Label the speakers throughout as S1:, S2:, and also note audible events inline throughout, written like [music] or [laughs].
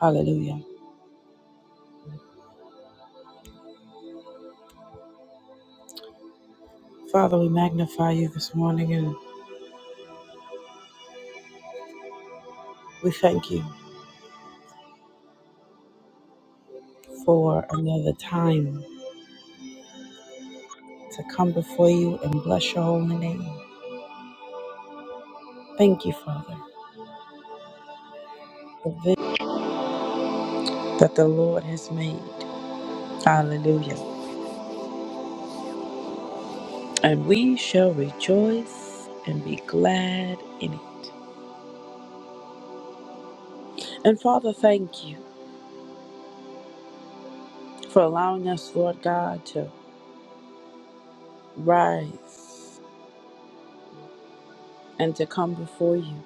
S1: Hallelujah. Father, we magnify you this morning and we thank you for another time to come before you and bless your holy name. Thank you, Father, for this that the Lord has made. Hallelujah. And we shall rejoice and be glad in it. And Father, thank you for allowing us, Lord God, to rise and to come before you.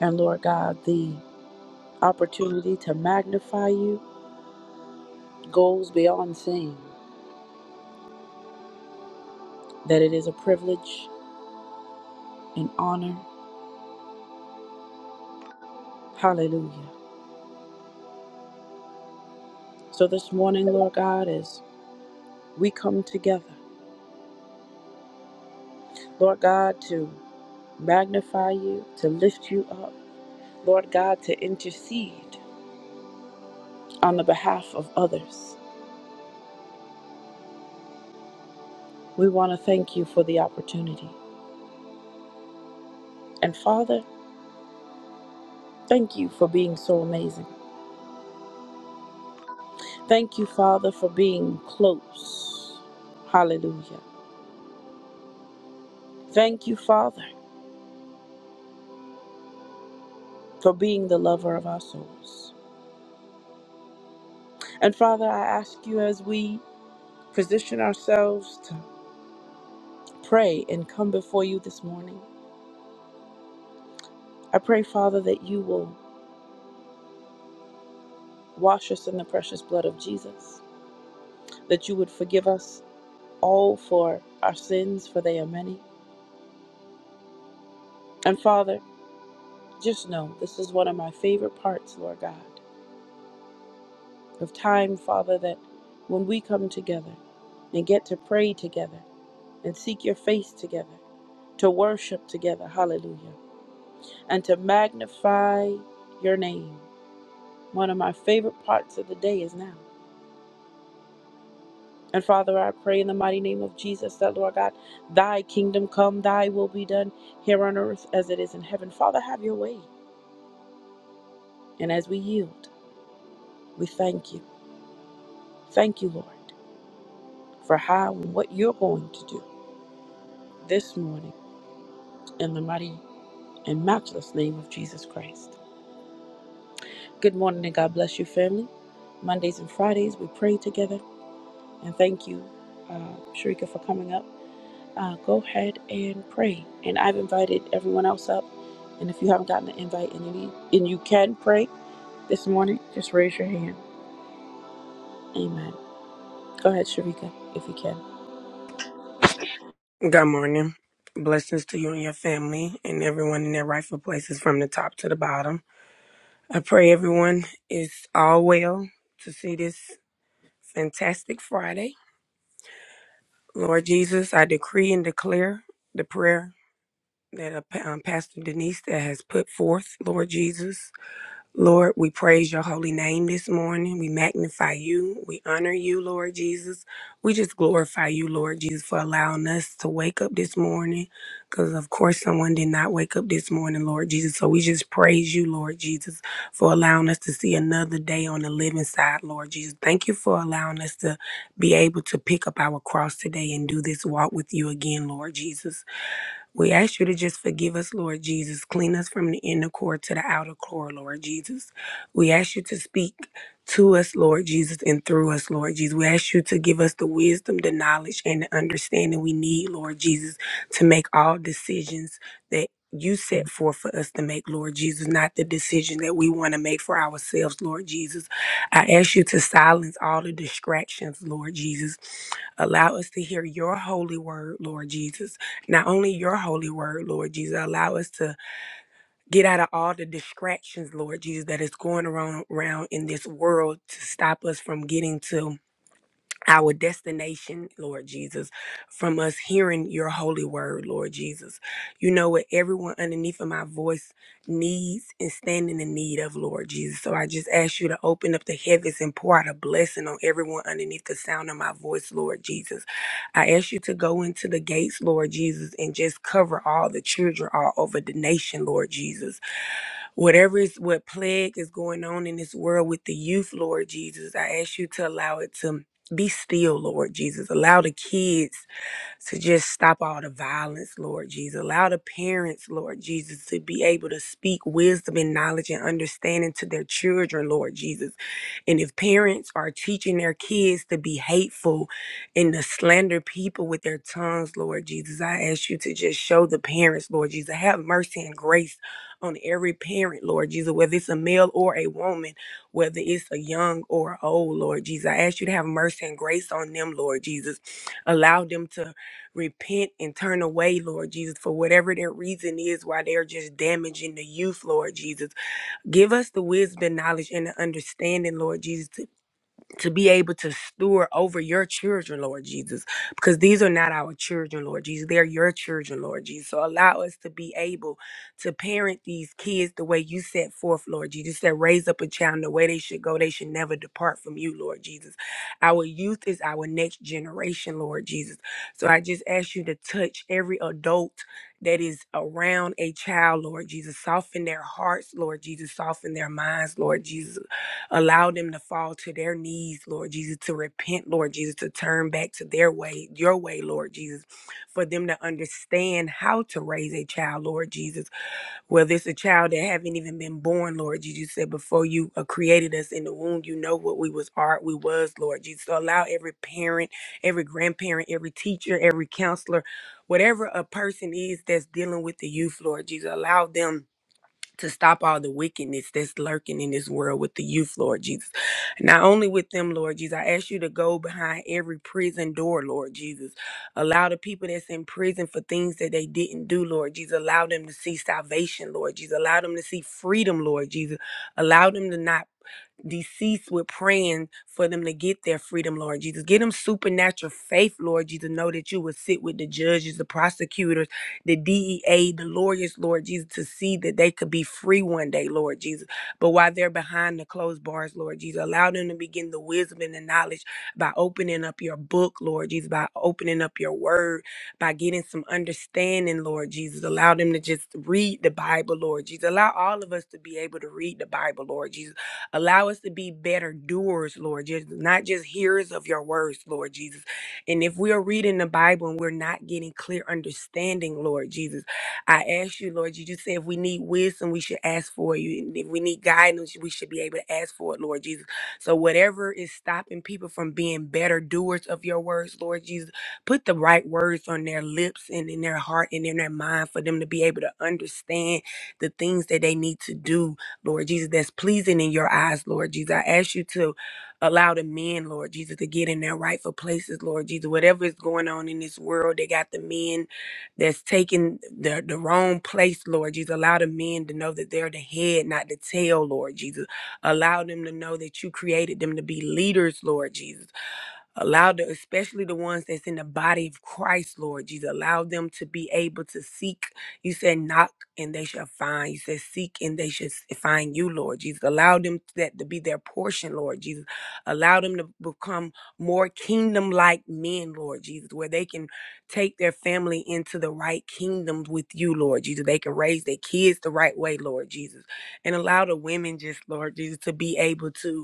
S1: And Lord God, the opportunity to magnify you goes beyond saying that it is a privilege and honor. Hallelujah. So this morning, Lord God, as we come together, Lord God, to magnify you, to lift you up, Lord God, to intercede on the behalf of others, we want to thank you for the opportunity. And Father, thank you for being so amazing. Thank you, Father, for being close. Hallelujah. Thank you, Father, for being the lover of our souls. And Father, I ask you as we position ourselves to pray and come before you this morning, I pray, Father, that you will wash us in the precious blood of Jesus, that you would forgive us all for our sins, for they are many. And Father, just know this is one of my favorite parts, Lord God, of time, Father, that when we come together and get to pray together and seek your face together, to worship together, hallelujah. and to magnify your name. One of my favorite parts of the day is now. And Father, I pray in the mighty name of Jesus that, Lord God, thy kingdom come, thy will be done here on earth as it is in heaven. Father, have your way. And as we yield, we thank you. Thank you, Lord, for how and what you're going to do this morning in the mighty and matchless name of Jesus Christ. Good morning and God bless you, family. Mondays and Fridays, we pray together. And thank you, uh, Sharika, for coming up. uh, go ahead and pray. And I've invited everyone else up. And if you haven't gotten an invite and you need, and you can pray this morning, just raise your hand. Amen. Go ahead, Sharika, if you can.
S2: Good morning. Blessings to you and your family and everyone in their rightful places from the top to the bottom. I pray everyone is all well to see this fantastic Friday. Lord Jesus, I decree and declare the prayer that uh, Pa- um, Pastor Denise that has put forth, Lord Jesus. Lord, we praise your holy name this morning. We magnify you. We honor you, Lord Jesus. We just glorify you, Lord Jesus, for allowing us to wake up this morning. Because, of course, someone did not wake up this morning, Lord Jesus. So we just praise you, Lord Jesus, for allowing us to see another day on the living side, Lord Jesus. Thank you for allowing us to be able to pick up our cross today and do this walk with you again, Lord Jesus. We ask you to just forgive us, Lord Jesus. Clean us from the inner core to the outer core, Lord Jesus. We ask you to speak to us, Lord Jesus, and through us, Lord Jesus. We ask you to give us the wisdom, the knowledge, and the understanding we need, Lord Jesus, to make all decisions that you set forth for us to make, Lord Jesus, not the decision that we want to make for ourselves, Lord Jesus. I ask you to silence all the distractions, Lord Jesus. Allow us to hear your holy word, Lord Jesus not only your holy word, Lord Jesus, allow us to get out of all the distractions, Lord Jesus, that is going around, around in this world to stop us from getting to our destination, Lord Jesus, from us hearing your holy word, Lord Jesus. You know what everyone underneath of my voice needs and standing in need of, Lord Jesus. So I just ask you to open up the heavens and pour out a blessing on everyone underneath the sound of my voice, Lord Jesus. I ask you to go into the gates, Lord Jesus, and just cover all the children all over the nation, Lord Jesus. Whatever is what plague is going on in this world with the youth, Lord Jesus, I ask you to allow it to be still, Lord Jesus. Allow the kids to just stop all the violence, Lord Jesus. Allow the parents, Lord Jesus, to be able to speak wisdom and knowledge and understanding to their children, Lord Jesus. And if parents are teaching their kids to be hateful and to slander people with their tongues, Lord Jesus, I ask you to just show the parents, Lord Jesus, have mercy and grace on every parent, Lord Jesus, whether it's a male or a woman, whether it's a young or old, Lord Jesus. I ask you to have mercy and grace on them, Lord Jesus. Allow them to repent and turn away, Lord Jesus, for whatever their reason is why they're just damaging the youth, Lord Jesus. Give us the wisdom, knowledge, and the understanding, Lord Jesus, to to be able to steward over your children, Lord Jesus, because these are not our children, Lord Jesus. They're your children, Lord Jesus. So allow us to be able to parent these kids the way you set forth, Lord Jesus, that raise up a child the way they should go. They should never depart from you, Lord Jesus. Our youth is our next generation, Lord Jesus. So I just ask you to touch every adult that is around a child, Lord Jesus. Soften their hearts, Lord Jesus. Soften their minds, Lord Jesus Allow them to fall to their knees, Lord Jesus, to repent, Lord Jesus, to turn back to their way, your way, Lord Jesus, for them to understand how to raise a child, Lord Jesus. Whether it's a child that haven't even been born, Lord Jesus, you said before you uh, created us in the womb, you know what we was are, we was, Lord Jesus. So allow every parent, every grandparent, every teacher, every counselor, whatever a person is that's dealing with the youth, Lord Jesus, allow them to stop all the wickedness that's lurking in this world with the youth, Lord Jesus. Not only with them, Lord Jesus, I ask you to go behind every prison door, Lord Jesus. Allow the people that's in prison for things that they didn't do, Lord Jesus. Allow them to see salvation, Lord Jesus. Allow them to see freedom, Lord Jesus. Allow them to not deceased, we're praying for them to get their freedom, Lord Jesus. Get them supernatural faith, Lord Jesus. Know that you will sit with the judges, the prosecutors, the DEA, the lawyers, Lord Jesus, to see that they could be free one day, Lord Jesus. But while they're behind the closed bars, Lord Jesus, allow them to begin the wisdom and the knowledge by opening up your book, Lord Jesus, by opening up your word, by getting some understanding, Lord Jesus. Allow them to just read the Bible, Lord Jesus. Allow all of us to be able to read the Bible, Lord Jesus Allow us to be better doers, Lord, just not just hearers of your words, Lord Jesus. And if we are reading the Bible and we're not getting clear understanding, Lord Jesus, I ask you, Lord, you just say if we need wisdom, we should ask for you. And if we need guidance, we should be able to ask for it, Lord Jesus. So whatever is stopping people from being better doers of your words, Lord Jesus, put the right words on their lips and in their heart and in their mind for them to be able to understand the things that they need to do Lord Jesus, that's pleasing in your eyes, Lord Jesus. I ask you to allow the men, Lord Jesus, to get in their rightful places, Lord Jesus. Whatever is going on in this world, they got the men that's taking the, the wrong place, Lord Jesus. Allow the men to know that they're the head, not the tail, Lord Jesus. Allow them to know that you created them to be leaders, Lord Jesus. Allow the, especially the ones that's in the body of Christ, Lord Jesus, allow them to be able to seek. You said, knock and they shall find. You said, seek and they shall s- find you, Lord Jesus. Allow them that to be their portion, Lord Jesus. Allow them to become more kingdom like men, Lord Jesus, where they can take their family into the right kingdom with you, Lord Jesus. They can raise their kids the right way, Lord Jesus. And allow the women just, Lord Jesus, to be able to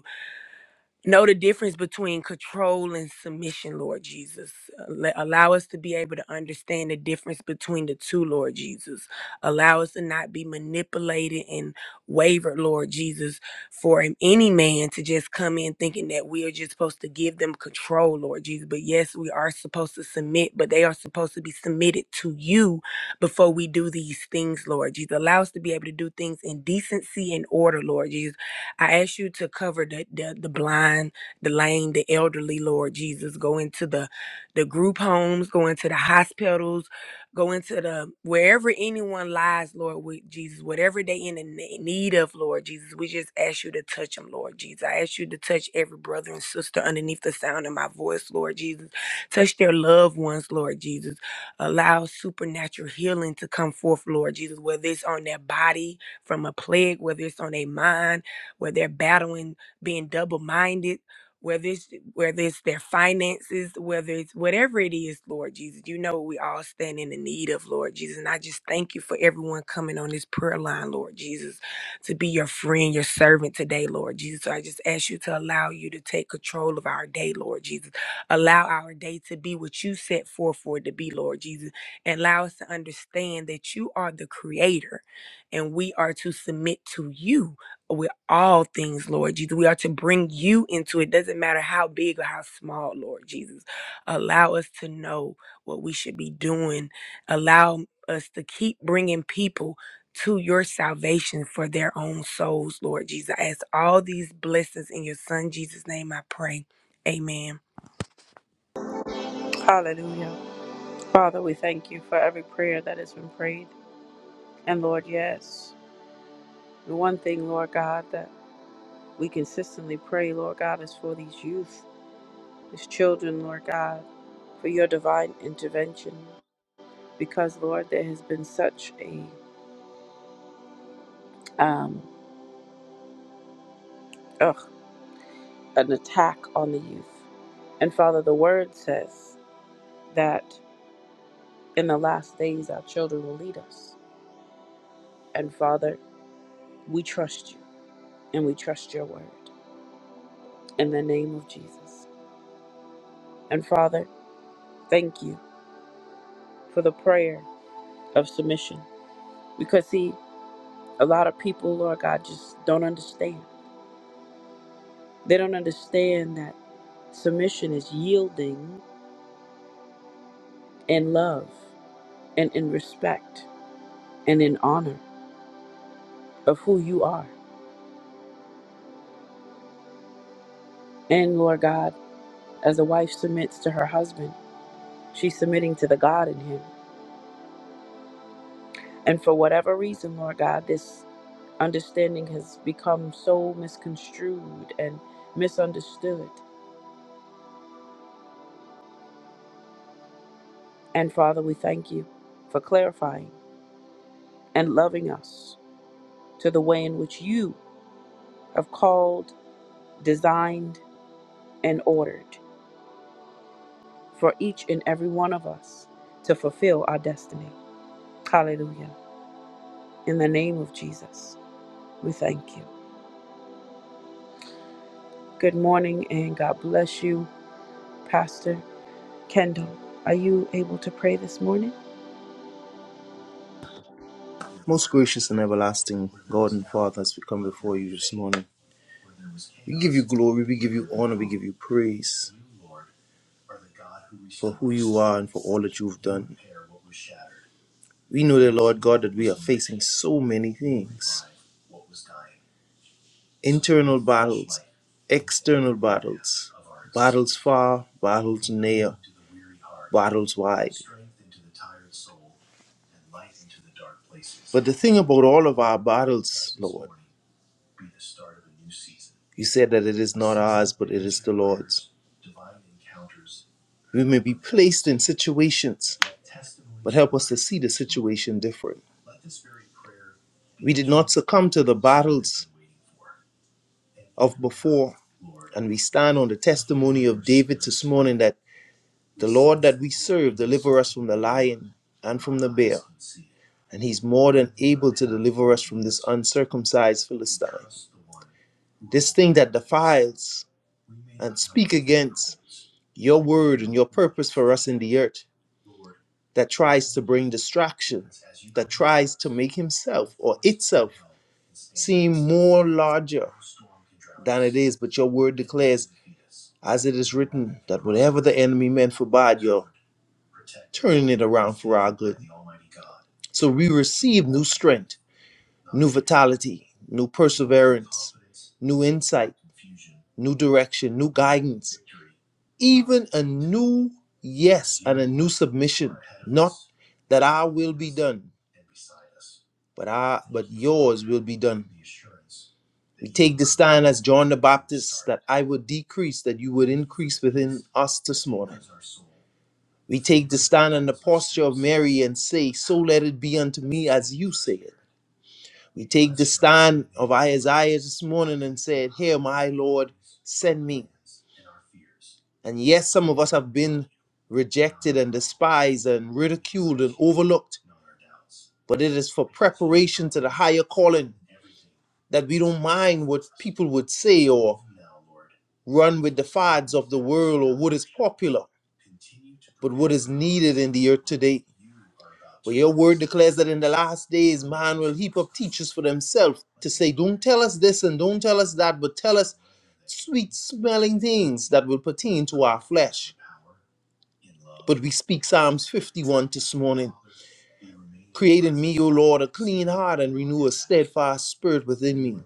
S2: know the difference between control and submission, Lord Jesus. Al- Allow us to be able to understand the difference between the two, Lord Jesus. Allow us to not be manipulated and wavered, Lord Jesus, for an- any man to just come in thinking that we are just supposed to give them control, Lord Jesus. But yes, we are supposed to submit, but they are supposed to be submitted to you before we do these things, Lord Jesus. Allow us to be able to do things in decency and order, Lord Jesus I ask you to cover the, the the blind, the lame, the elderly, Lord Jesus. Go into the the group homes, go into the hospitals, go into the wherever anyone lies, Lord with Jesus, whatever they in the ne- need of, Lord Jesus. We just ask you to touch them, Lord Jesus. I ask you to touch every brother and sister underneath the sound of my voice, Lord Jesus. Touch their loved ones, Lord Jesus. Allow supernatural healing to come forth, Lord Jesus, whether it's on their body from a plague, whether it's on their mind where they're battling being double minded, whether it's whether it's their finances, whether it's whatever it is, Lord Jesus, you know what we all stand in the need of, Lord Jesus. And I just thank you for everyone coming on this prayer line, Lord Jesus, to be your friend, your servant today, Lord Jesus. So I just ask you to allow you to take control of our day, Lord Jesus. Allow our day to be what you set forth for it to be, Lord Jesus. And allow us to understand that you are the creator and we are to submit to you with all things, Lord Jesus. We are to bring you into it. Doesn't matter how big or how small, Lord Jesus. Allow us to know what we should be doing. Allow us to keep bringing people to your salvation for their own souls, Lord Jesus. I ask all these blessings in your son Jesus' name I pray. Amen.
S1: Hallelujah. Father, we thank you for every prayer that has been prayed. And Lord, yes, the one thing, Lord God, that we consistently pray, Lord God, is for these youth, these children, Lord God, for your divine intervention. Because, Lord, there has been such a, um, a an attack on the youth. And Father, the word says that in the last days our children will lead us. And Father, we trust you and we trust your word in the name of Jesus. And Father, thank you for the prayer of submission because, see, a lot of people, Lord God, just don't understand. They don't understand that submission is yielding in love and in respect and in honor of who you are. And Lord God, As a wife submits to her husband, she's submitting to the God in him. And for whatever reason, Lord God, this understanding has become so misconstrued and misunderstood. And Father, we thank you for clarifying and loving us to the way in which you have called, designed, and ordered for each and every one of us to fulfill our destiny. Hallelujah. In the name of Jesus, we thank you. Good morning and God bless you. Pastor Kendall, are you able to pray this morning?
S3: Most gracious and everlasting God and Father, as we come before you this morning, we give you glory, we give you honor, we give you praise for who you are and for all that you've done. We know, dear Lord God, that we are facing so many things internal battles, external battles, battles far, battles near, battles wide. But the thing about all of our battles, Lord, You said that it is not ours, but it is the Lord's. We may be placed in situations, but help us to see the situation different. We did not succumb to the battles of before, and we stand on the testimony of David this morning that the Lord that we serve deliver us from the lion and from the bear, and he's more than able to deliver us from this uncircumcised Philistine. This thing that defiles and speak against your word and your purpose for us in the earth that tries to bring distraction, that tries to make himself or itself seem more larger than it is. But your word declares, as it is written, that whatever the enemy meant for bad, you're turning it around for our good. So we receive new strength, new vitality, new perseverance, new insight new direction, new guidance, even a new yes and a new submission. Not that our will be done, but our but yours will be done. We take the stand as John the Baptist that I would decrease, that you would increase within us this morning. We take the stand in the posture of Mary and say, So let it be unto me as you say it. We take the stand of Isaiah this morning and said, Here, my Lord, send me. And yes, some of us have been rejected and despised and ridiculed and overlooked, but it is for preparation to the higher calling that we don't mind what people would say or run with the fads of the world or what is popular but what is needed in the earth today. For your word declares that in the last days, man will heap up teachers for themselves to say, Don't tell us this and don't tell us that, but tell us sweet smelling things that will pertain to our flesh. But we speak Psalms 51 this morning. Create in me, O Lord, a clean heart and renew a steadfast spirit within me.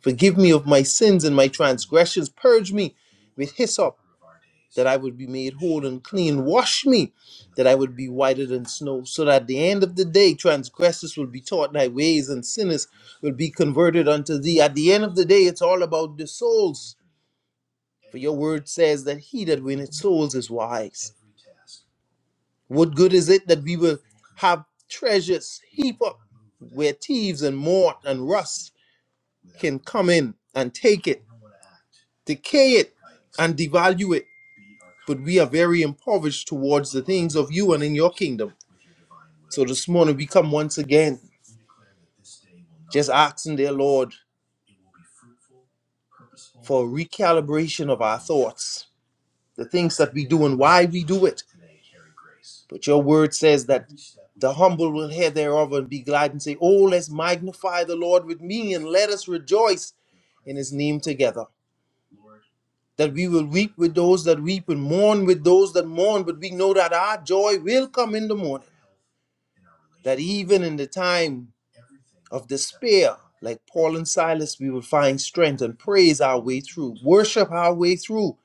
S3: Forgive me of my sins and my transgressions. Purge me with hyssop, that I would be made whole and clean. Wash me, that I would be whiter than snow. So that at the end of the day, transgressors will be taught thy ways and sinners will be converted unto thee. At the end of the day, it's all about the souls. For your word says that he that winneth souls is wise. What good is it that we will? have treasures heap up where thieves and moth and rust can come in and take it, decay it, and devalue it. But we are very impoverished towards the things of you and in your kingdom. So this morning we come once again just asking dear Lord for a recalibration of our thoughts, the things that we do and why we do it. But your word says that the humble will hear thereof and be glad and say, Oh, let's magnify the Lord with me and let us rejoice in his name together. that we will weep with those that weep and mourn with those that mourn, but we know that our joy will come in the morning, that even in the time of despair, like Paul and Silas, we will find strength and praise our way through, worship our way through,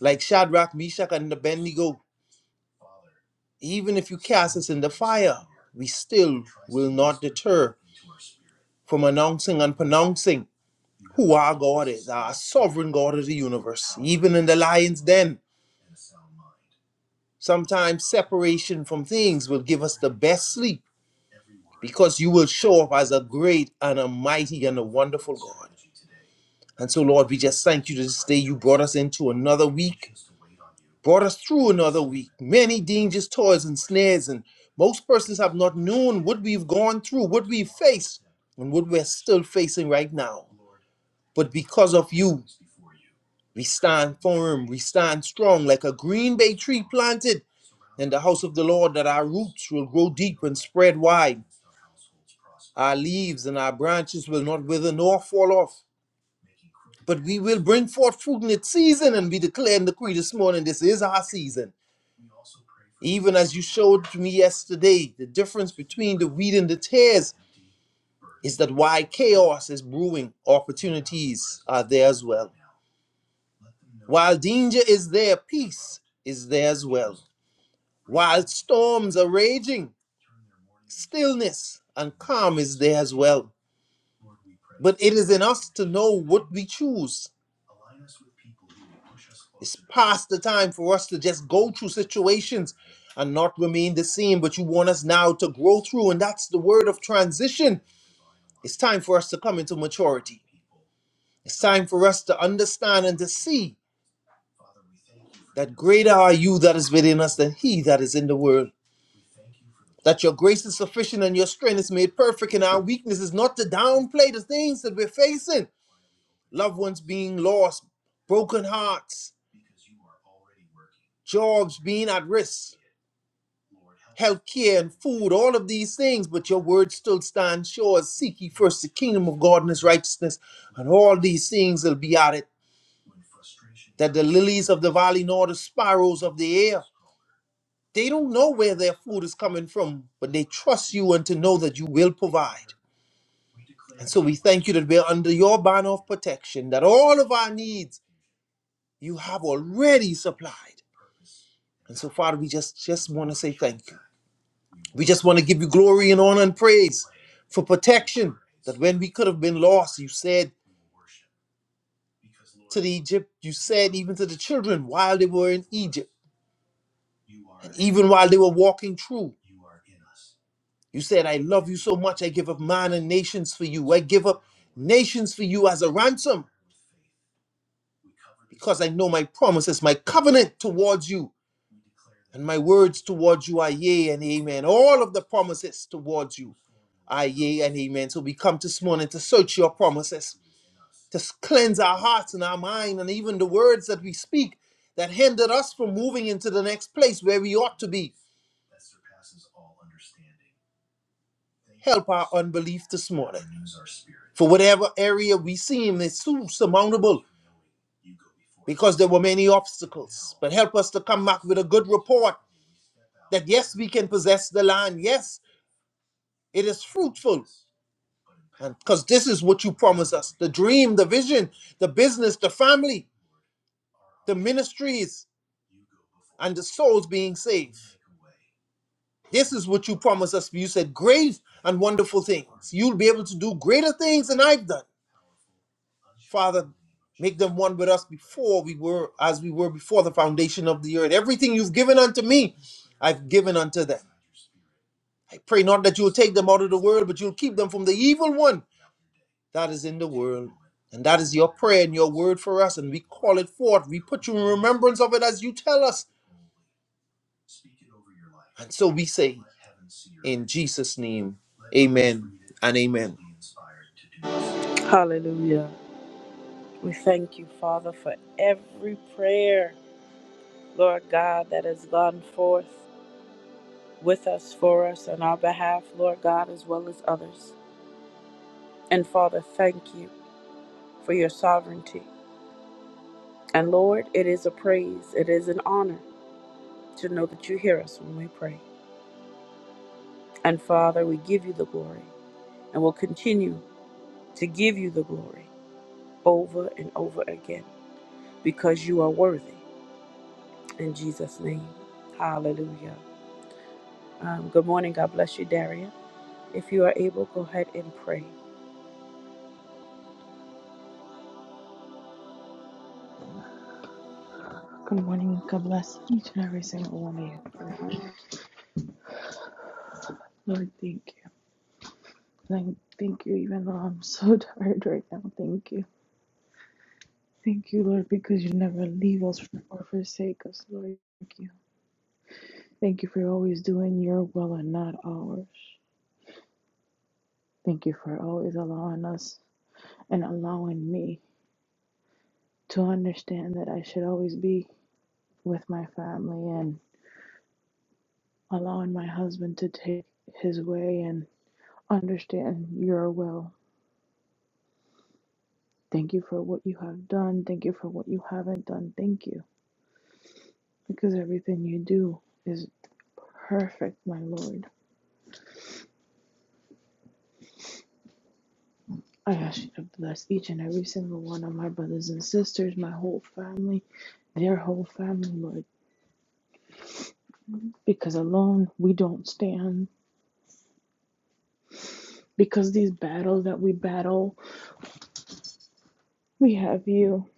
S3: like Shadrach, Meshach, and Abednego. Even if you cast us in the fire, we still will not deter from announcing and pronouncing who our God is, our sovereign God of the universe. Even in the lion's den, Sometimes separation from things will give us the best sleep because you will show up as a great and a mighty and a wonderful God. And so, Lord, we just thank you this day. You brought us into another week, brought us through another week. Many dangers, toils, and snares. And most persons have not known what we've gone through, what we've faced, and what we're still facing right now. But because of you, we stand firm, we stand strong like a green bay tree planted in the house of the Lord, that our roots will grow deep and spread wide. Our leaves and our branches will not wither nor fall off, but we will bring forth fruit in its season. And we declare and decree this morning this is our season. Even as you showed to me yesterday, the difference between the wheat and the tares is that while chaos is brewing, opportunities are there as well. While danger is there, peace is there as well. While storms are raging, stillness and calm is there as well. But it is in us to know what we choose. It's past the time for us to just go through situations and not remain the same, but you want us now to grow through, and that's the word of transition. It's time for us to come into maturity. It's time for us to understand and to see that greater are you that is within us than he that is in the world. That your grace is sufficient and your strength is made perfect in our weakness is not to downplay the things that we're facing, loved ones being lost, broken hearts, jobs being at risk, healthcare and food, all of these things. But your word still stands sure. Seek ye first the kingdom of God and his righteousness, and all these things will be added. That the lilies of the valley nor the sparrows of the air, they don't know where their food is coming from, but they trust you and to know that you will provide. And so we thank you that we're under your banner of protection, that all of our needs you have already supplied. And so, Father, we just just want to say thank you. We just want to give you glory and honor and praise for protection. That when we could have been lost, you said to the Egypt, you said even to the children while they were in Egypt, and even while they were walking through, you said, "I love you so much. I give up man and nations for you. I give up nations for you as a ransom." because I know my promises, my covenant towards you, and my words towards you are yea and amen. All of the promises towards you Aye, yea, and amen. So we come this morning to search your promises, to cleanse our hearts and our mind, and even the words that we speak that hindered us from moving into the next place where we ought to be. Help our unbelief this morning. For whatever area we seem is too surmountable, because there were many obstacles. But help us to come back with a good report that yes, we can possess the land. Yes, it is fruitful. And because this is what you promise us the dream, the vision, the business, the family. the ministries and the souls being saved. This is what you promised us. You said great and wonderful things. You'll be able to do greater things than I've done. Father, make them one with us before we were as we were before the foundation of the earth. Everything you've given unto me, I've given unto them. I pray not that you'll take them out of the world, but you'll keep them from the evil one that is in the world. And that is your prayer and your word for us. And we call it forth. We put you in remembrance of it as you tell us And so we say, in Jesus' name, amen and amen.
S1: Hallelujah. We thank you, Father, for every prayer, Lord God, that has gone forth with us, for us, on our behalf, Lord God, as well as others. And Father, thank you for your sovereignty. And Lord, it is a praise, it is an honor to know that you hear us when we pray. And Father, we give you the glory and will continue to give you the glory over and over again because you are worthy. In Jesus' name, hallelujah. Um, good morning. God bless you, Daria. If you are able, go ahead and pray.
S4: Good morning. God bless each and every single one of you. Lord, thank you. Thank, thank you, even though I'm so [laughs] tired right now. Thank you. Thank you, Lord, because you never leave us or forsake us, Lord. Thank you. Thank you for always doing your will and not ours. Thank you for always allowing us and allowing me to understand that I should always be with my family and allowing my husband to take his way and understand your will Thank you for what you have done. Thank you for what you haven't done. Thank you. Because everything you do is perfect, my Lord. I ask you to bless each and every single one of my brothers and sisters, my whole family, their whole family, Lord. Because alone we don't stand. Because these battles that we battle, we have you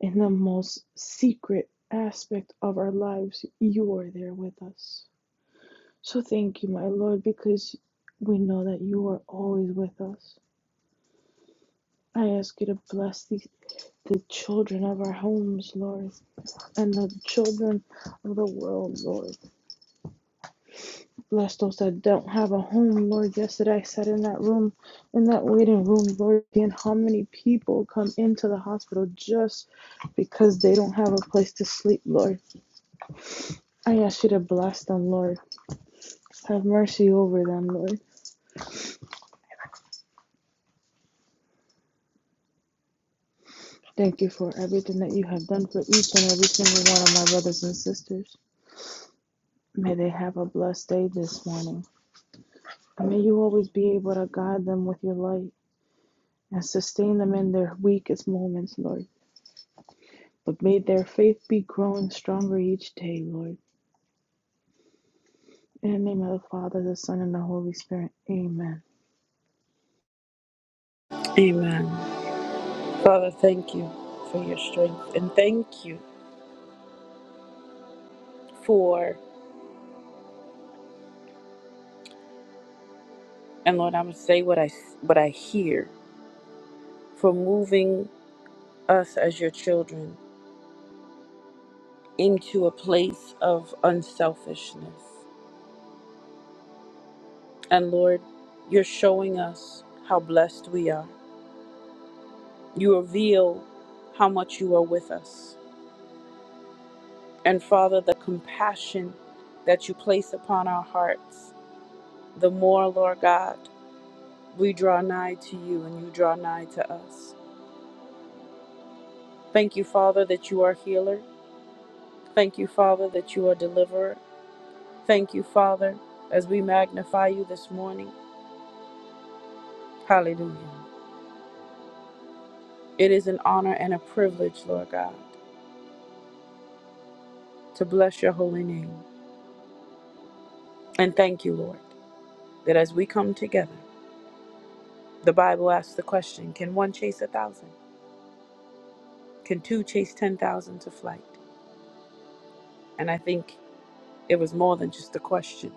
S4: in the most secret aspect of our lives. You are there with us. So thank you, my Lord, because we know that you are always with us. I ask you to bless the, the children of our homes, Lord, and the children of the world, Lord. Bless those that don't have a home, Lord. Yesterday I sat in that room, in that waiting room, Lord, and how many people come into the hospital just because they don't have a place to sleep, Lord. I ask you to bless them, Lord. Have mercy over them, Lord. Thank you for everything that you have done for each and every single one of my brothers and sisters. May they have a blessed day this morning. And may you always be able to guide them with your light and sustain them in their weakest moments, Lord. But may their faith be growing stronger each day, Lord. In the name of the Father, the Son, and the Holy Spirit. Amen.
S1: Amen. Father, thank you for your strength and thank you for, and Lord, I'm going to say what I, what I hear, for moving us as your children into a place of unselfishness. And Lord, you're showing us how blessed we are. You reveal how much you are with us. And Father, the compassion that you place upon our hearts, the more, Lord God, we draw nigh to you and you draw nigh to us. Thank you, Father, that you are healer. Thank you, Father, that you are deliverer. Thank you, Father, as we magnify you this morning. Hallelujah. It is an honor and a privilege, Lord God, to bless your holy name. And thank you, Lord, that as we come together, the Bible asks the question can one chase a thousand? Can two chase 10,000 to flight? And I think it was more than just a question.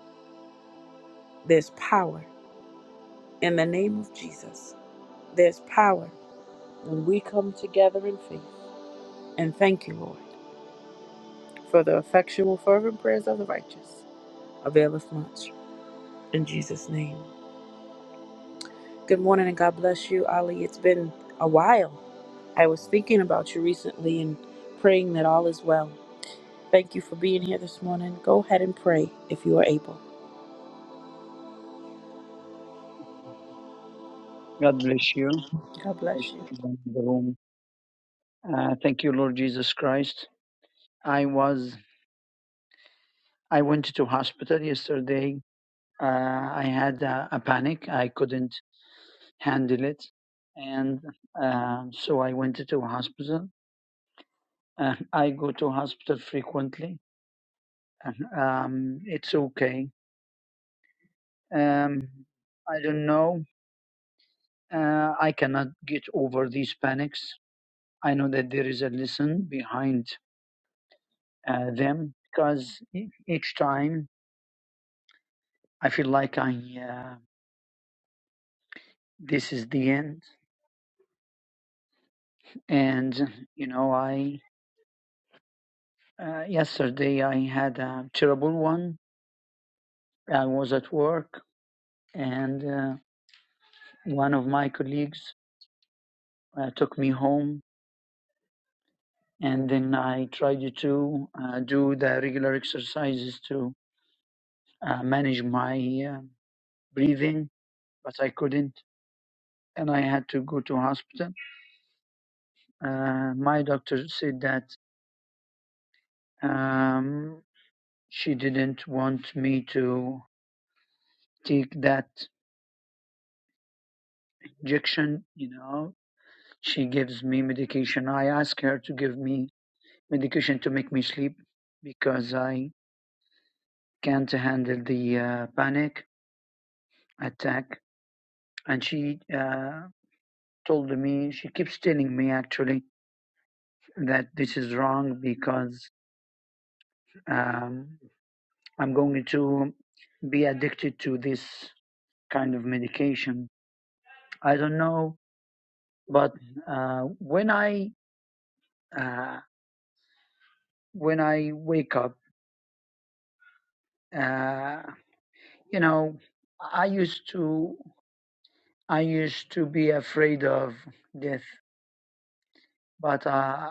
S1: There's power in the name of Jesus. There's power when we come together in faith. And thank you, Lord, for the effectual, fervent prayers of the righteous availeth much. In Jesus' name. Good morning and God bless you, Ali. It's been a while. I was thinking about you recently and praying that all is well. Thank you for being here this morning. Go ahead and pray if you are able.
S5: God bless you.
S1: God
S5: Bless
S1: bless you.
S5: everyone in the room. Uh, thank you, Lord Jesus Christ. I was I went to hospital yesterday. Uh, I had a, a panic. I couldn't handle it, and uh, so I went to hospital. Uh, I go to hospital frequently. Uh, Um, it's okay. Um, I don't know. Uh, I cannot get over these panics. I know that there is a lesson behind uh, them because e- each time I feel like I uh, this is the end. And you know, I uh, yesterday I had a terrible one. I was at work, and uh, one of my colleagues uh, took me home, and then I tried to uh, do the regular exercises to uh, manage my uh, breathing, but I couldn't. And I had to go to hospital. Uh, my doctor said that um, She didn't want me to take that injection, you know. She gives me medication. I ask her to give me medication to make me sleep because I can't handle the uh, panic attack. And she uh, told me, she keeps telling me actually that this is wrong because um, I'm going to be addicted to this kind of medication. I don't know, but uh, when I uh, when I wake up. Uh, you know, I used to I used to be afraid of death, but uh,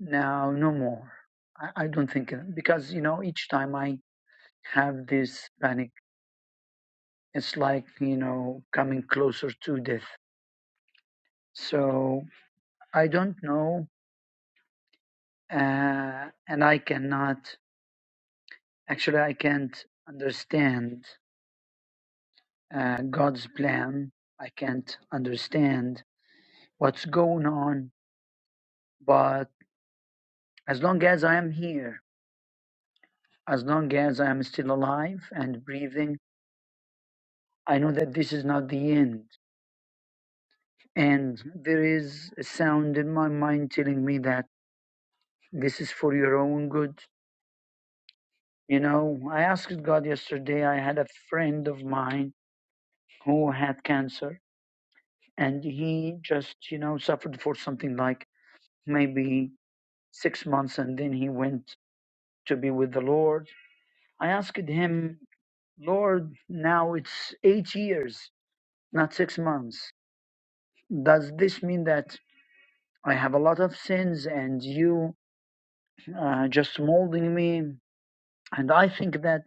S5: now no more. I, I don't think because you know each time I have this panic, it's like you know coming closer to death. So I don't know, uh, and I cannot actually I can't understand uh, God's plan. I can't understand what's going on. But as long as I am here, as long as I am still alive and breathing, I know that this is not the end. And there is a sound in my mind telling me that this is for your own good. You know, I asked God yesterday, I had a friend of mine who had cancer and he just, you know, suffered for something like maybe six months and then he went to be with the Lord. I asked him Lord, now it's eight years, not six months. Does this mean that I have a lot of sins and you uh, just molding me? And I think that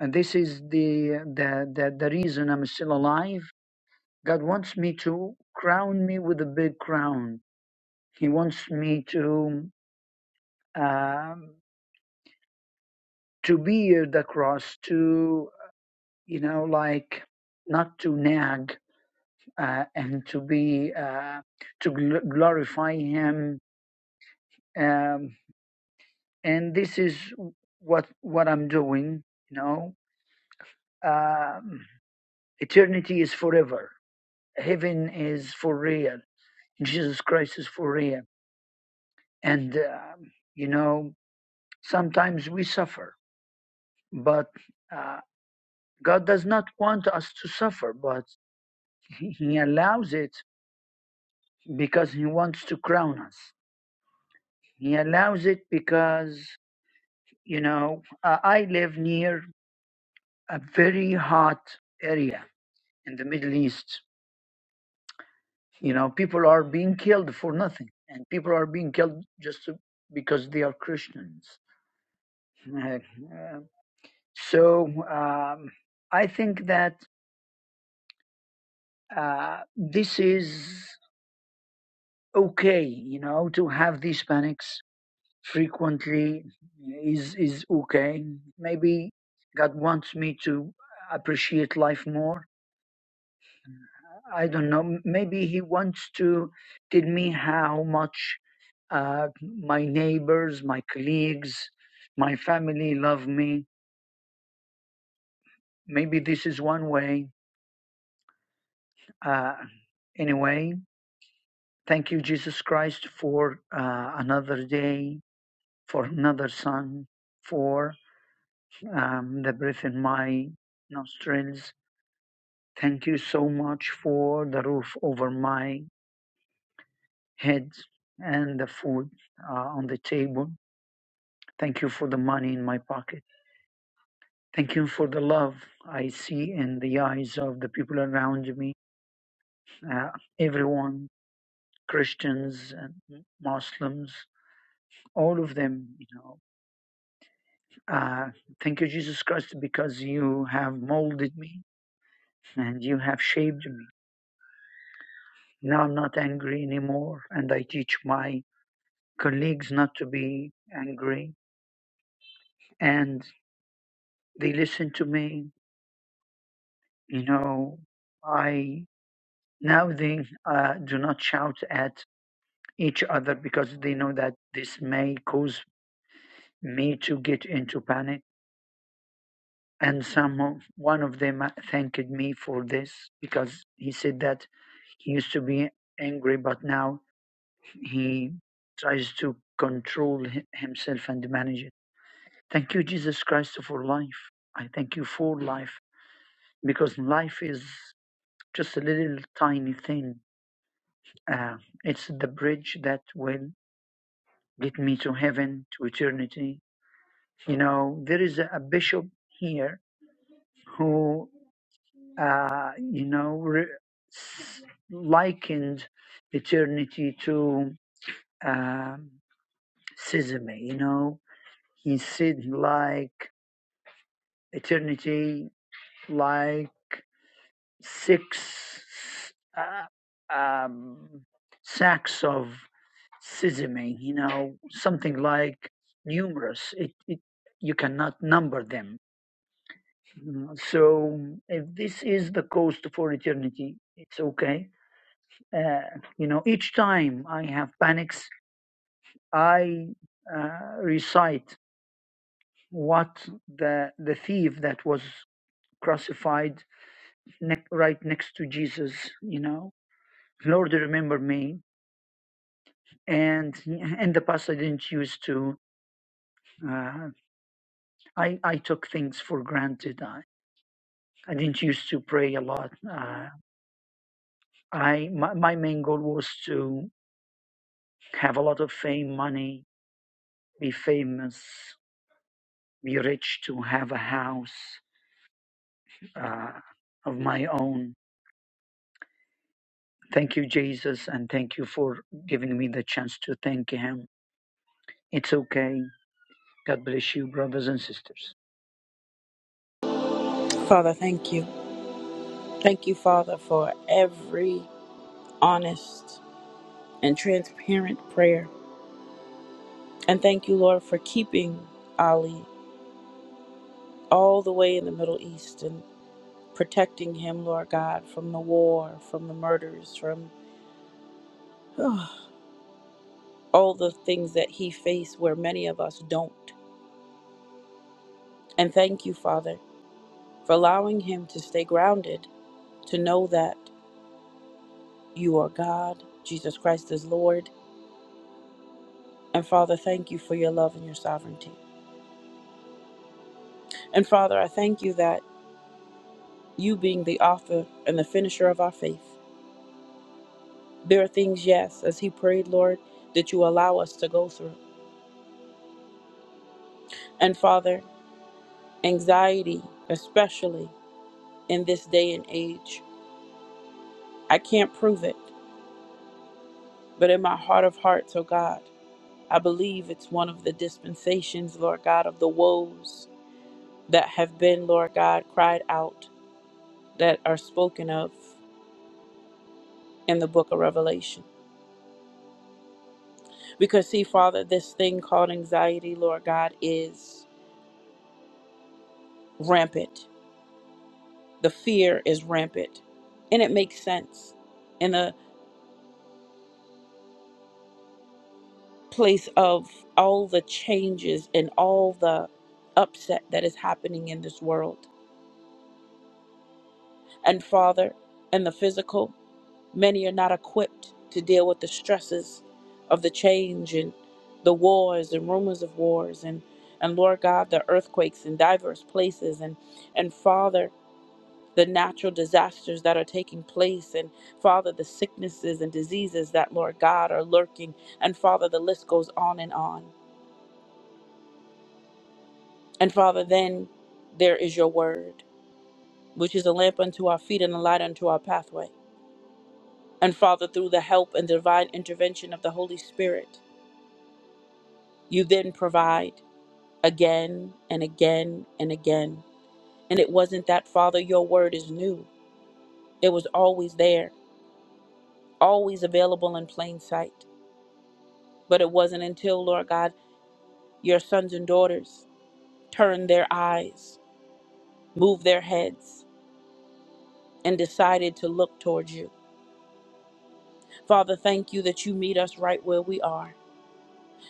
S5: this is the, the, the, the reason I'm still alive. God wants me to crown me with a big crown. He wants me to um, to bear the cross, to you know, like not to nag, uh, and to be uh, to gl- glorify him um, and this is what what i'm doing you know um, eternity is forever heaven is for real jesus christ is for real and um, you know sometimes we suffer but uh, god does not want us to suffer but he he allows it because he wants to crown us he allows it because You know, uh, I live near a very hot area in the Middle East. You know, people are being killed for nothing, and people are being killed just to, because they are Christians. Uh, uh, so um, I think that uh, this is okay. You know, to have these panics frequently is is okay. Maybe God wants me to appreciate life more I don't know. Maybe he wants to tell me how much uh, my neighbors, my colleagues, my family love me. Maybe this is one way. Uh, anyway, thank you, Jesus Christ, for uh, another day, for another sun, for um, the breath in my nostrils. Thank you so much for the roof over my head and the food uh, on the table Thank you for the money in my pocket. Thank you for the love I see in the eyes of the people around me. Uh, everyone, Christians and Muslims, all of them, you know. Uh, thank you, Jesus Christ, because you have molded me and you have shaped me. Now I'm not angry anymore, and I teach my colleagues not to be angry, and they listen to me. You know, I now they uh, do not shout at each other because they know that this may cause me to get into panic. And some one of them uh, thanked me for this because he said that he used to be angry, but now he tries to control himself and manage it. Thank you, Jesus Christ, for life. I thank you for life because life is just a little tiny thing. Uh, it's the bridge that will get me to heaven, to eternity, You know, there is a bishop here who, uh, you know, re- s- likened eternity to um, sesame. You know, he said he like eternity like six uh, um, sacks of sesame. You know, something like numerous. It, it you cannot number them Mm, So if this is the cost for eternity, it's okay. Uh, you know, each time I have panics, I uh, recite what the the thief that was crucified ne- right next to Jesus. You know, Lord, remember me. And in the past, I didn't used to. Uh, I I took things for granted. I I didn't used to pray a lot. Uh, I my, my main goal was to have a lot of fame, money, be famous, be rich to have a house uh, of my own. Thank you, Jesus, and thank you for giving me the chance to thank Him. It's okay. God bless you, brothers and sisters.
S1: Father, thank you. Thank you, Father, for every honest and transparent prayer. And thank you, Lord, for keeping Ali all the way in the Middle East and protecting him, Lord God, from the war, from the murders, from [sighs] all the things that he faced where many of us don't. And thank you, Father, for allowing him to stay grounded, to know that you are God, Jesus Christ is Lord. And Father, thank you for your love and your sovereignty. And Father, I thank you that you being the author and the finisher of our faith, there are things, yes, as he prayed, Lord, that you allow us to go through. And Father, anxiety, especially in this day and age, I can't prove it, but in my heart of hearts, oh God, I believe it's one of the dispensations, Lord God, of the woes that have been, Lord God, cried out that are spoken of in the book of Revelation. Because, see, Father, this thing called anxiety, Lord God, is rampant. The fear is rampant. And it makes sense in a place of all the changes and all the upset that is happening in this world. And, Father, in the physical. Many are not equipped to deal with the stresses of the change and the wars and rumors of wars and, and Lord God, the earthquakes in diverse places and, and Father, the natural disasters that are taking place and Father, the sicknesses and diseases that, Lord God, are lurking. And Father, the list goes on and on. And Father, then there is your word, which is a lamp unto our feet and a light unto our pathway. And Father, through the help and divine intervention of the Holy Spirit, You then provide again and again and again. And it wasn't that, Father, your word is new. It was always there, always available in plain sight. But it wasn't until, Lord God, your sons and daughters turned their eyes, moved their heads, and decided to look towards you. Father, thank you that you meet us right where we are.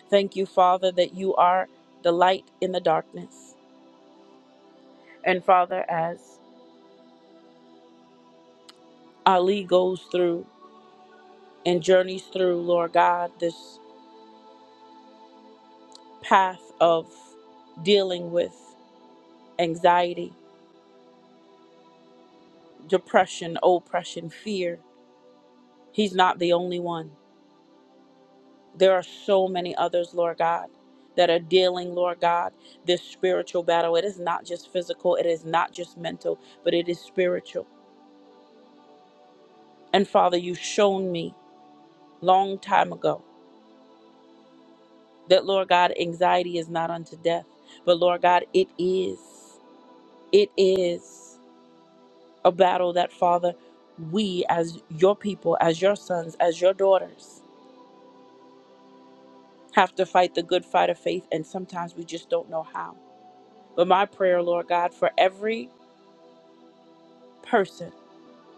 S1: Thank you, Father, that you are the light in the darkness. And Father, as Ali goes through and journeys through, Lord God, this path of dealing with anxiety, depression, oppression, fear. He's not the only one. There are so many others, Lord God, that are dealing, Lord God, this spiritual battle. It is not just physical, it is not just mental, but it is spiritual. And Father, you've shown me long time ago that, Lord God, anxiety is not unto death, but Lord God, it is. It is. a battle that, Father, we as your people, as your sons, as your daughters, have to fight the good fight of faith, and sometimes we just don't know how. But my prayer, Lord God, for every person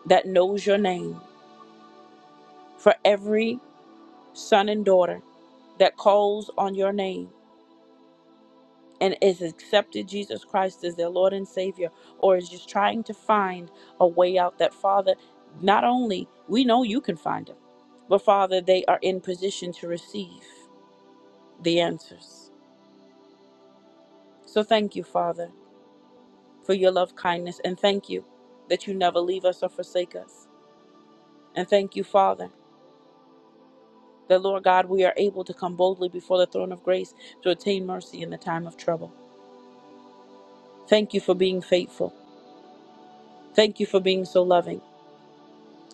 S1: that knows your name, for every son and daughter that calls on your name and is accepted Jesus Christ as their Lord and Savior, or is just trying to find a way out, that Father, not only we know you can find them, but Father, they are in position to receive. the answers. So thank you, Father, for your love kindness, and thank you that you never leave us or forsake us. And thank you, Father, that Lord God, we are able to come boldly before the throne of grace to attain mercy in the time of trouble. Thank you for being faithful. Thank you for being so loving.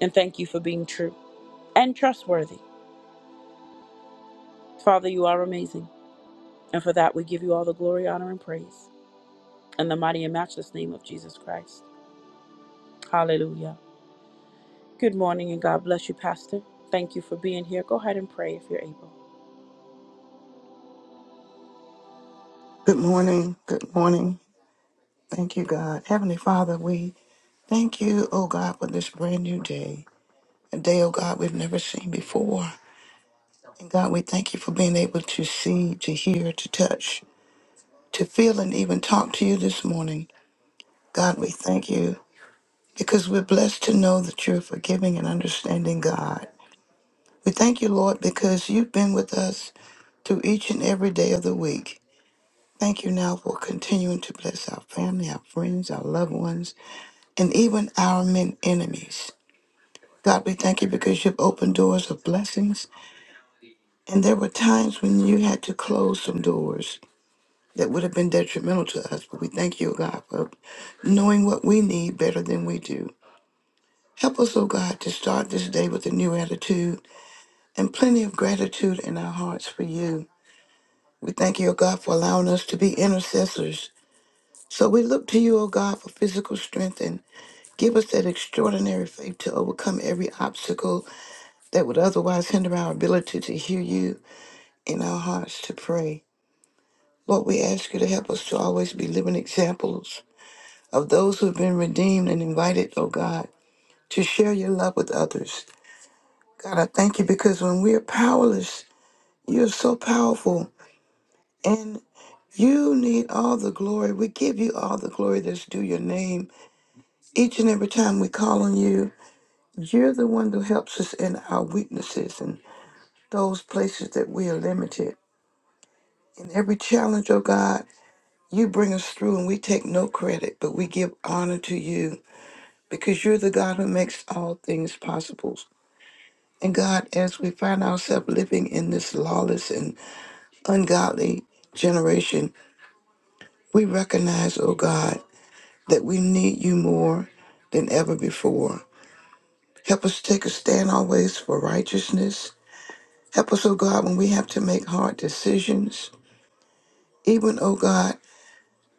S1: And thank you for being true and trustworthy. Father, you are amazing. And for that, we give you all the glory, honor, and praise. In the mighty and matchless name of Jesus Christ. Hallelujah. Good morning and God bless you, Pastor. Thank you for being here. Go ahead and pray if you're able.
S6: Good morning. Good morning. Thank you, God. Heavenly Father, we thank you, oh God, for this brand new day. A day, oh God, we've never seen before. And God, we thank you for being able to see, to hear, to touch, to feel, and even talk to you this morning. God, we thank you because we're blessed to know that you're a forgiving and understanding God. We thank you, Lord, because you've been with us through each and every day of the week. Thank you now for continuing to bless our family, our friends, our loved ones. and even our men enemies. God, we thank you because you've opened doors of blessings. And there were times when you had to close some doors that would have been detrimental to us. But we thank you, God, for knowing what we need better than we do. Help us, oh God, to start this day with a new attitude and plenty of gratitude in our hearts for you. We thank you, oh God, for allowing us to be intercessors. So we look to you, O God, for physical strength and give us that extraordinary faith to overcome every obstacle that would otherwise hinder our ability to hear you in our hearts to pray. Lord, we ask you to help us to always be living examples of those who have been redeemed and invited, oh God, to share your love with others. God, I thank you because when we are powerless, you're so powerful and you need all the glory. We give you all the glory that's due your name. Each and every time we call on you, you're the one who helps us in our weaknesses and those places that we are limited. In every challenge, oh God, you bring us through and we take no credit, but we give honor to you because you're the God who makes all things possible. And God, as we find ourselves living in this lawless and ungodly generation, we recognize, oh God, that we need you more than ever before. Help us take a stand always for righteousness. Help us, oh God, when we have to make hard decisions. Even, oh God,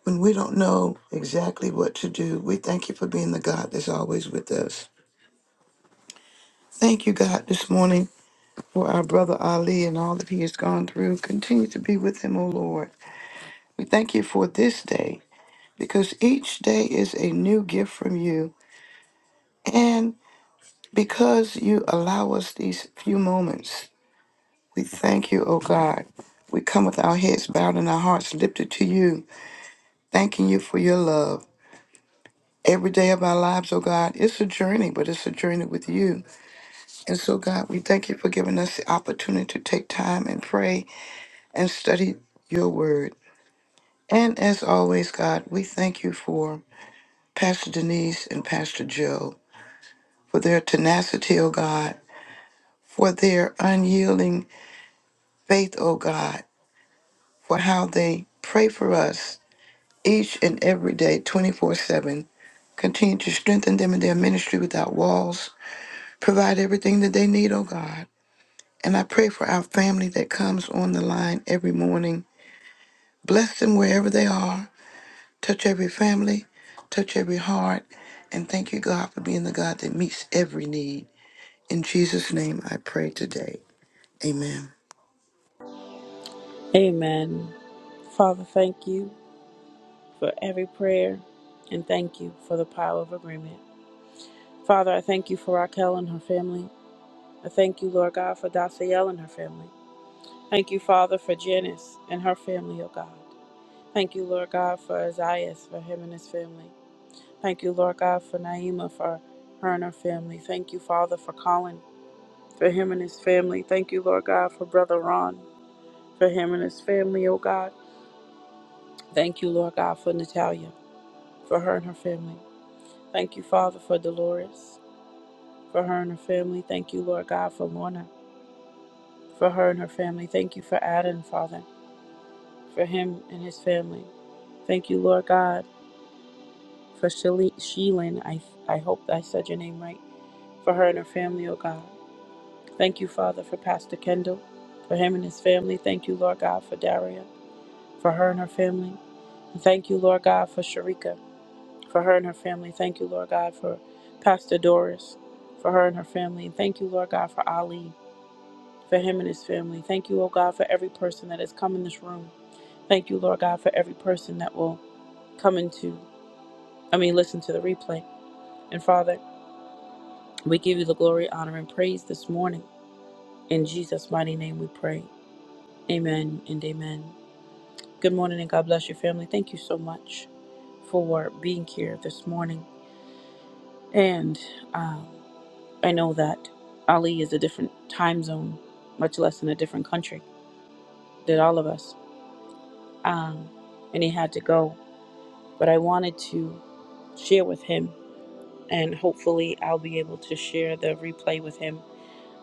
S6: When we don't know exactly what to do, we thank you for being the God that's always with us. Thank you, God, this morning for our brother Ali and all that he has gone through. Continue to be with him, O Lord. We thank you for this day because each day is a new gift from you. And because you allow us these few moments, we thank you, O God. We come with our heads bowed and our hearts lifted to you, thanking you for your love. Every day of our lives, O God, it's a journey, but it's a journey with you. And so, God, we thank you for giving us the opportunity to take time and pray and study your word. And as always, God, we thank you for Pastor Denise and Pastor Joe for their tenacity, oh God, for their unyielding faith, oh God, for how they pray for us each and every day, 24 7. Continue to strengthen them in their ministry without walls. Provide everything that they need, oh God. And I pray for our family that comes on the line every morning Bless them wherever they are. Touch every family, touch every heart. And thank you, God, for being the God that meets every need. In Jesus' name, I pray today. Amen.
S1: Amen. Father, thank you for every prayer and thank you for the power of agreement. Father, I thank you for Raquel and her family. I thank you, Lord God, for Daciel and her family. Thank you, Father, for Janice and her family, oh God. Thank you, Lord God, for Isaias, for him and his family. Thank you, Lord God, for Naima, for her and her family. Thank you, Father, for Colin, for him and his family. Thank you, Lord God, for Brother Ron. for him and his family, oh God. Thank you, Lord God, for Natalia, for her and her family. Thank you, Father, for Dolores, for her and her family. Thank you, Lord God, for Lorna, for her and her family. Thank you for Adam, Father, for him and his family. Thank you, Lord God, for Shele- Sheelin. I, I hope I said your name right. For her and her family, oh God. Thank you, Father, for Pastor Kendall, for him and his family. Thank you, Lord God, for Daria, for her and her family. And thank you, Lord God, for Sharika. for her and her family. Thank you, Lord God, for Pastor Doris, for her and her family. Thank you, Lord God, for Ali, for him and his family. Thank you, oh God, for every person that has come in this room. Thank you, Lord God, for every person that will come into, I mean, listen to the replay. And Father, we give you the glory, honor, and praise this morning. In Jesus' mighty name we pray. Amen and amen. Good morning and God bless your family. Thank you so much for being here this morning. And, um, I know that Ali is a different time zone, much less in a different country than all of us. Um, and he had to go. But I wanted to share with him, and hopefully I'll be able to share the replay with him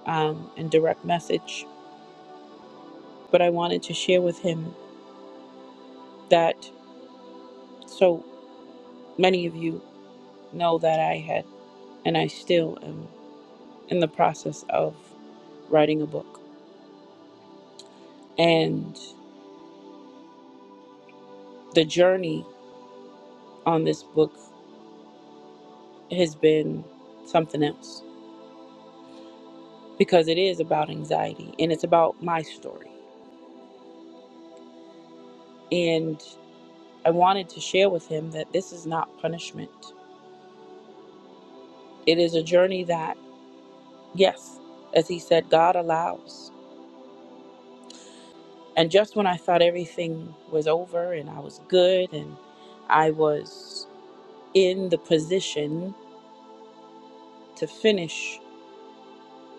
S1: um, in direct message. But I wanted to share with him that so many of you know that I had, and I still am in the process of writing a book. And the journey on this book has been something else because it is about anxiety and it's about my story. And I wanted to share with him that this is not punishment. It is a journey that, yes, as he said, God allows. And just when I thought everything was over and I was good and I was in the position to finish,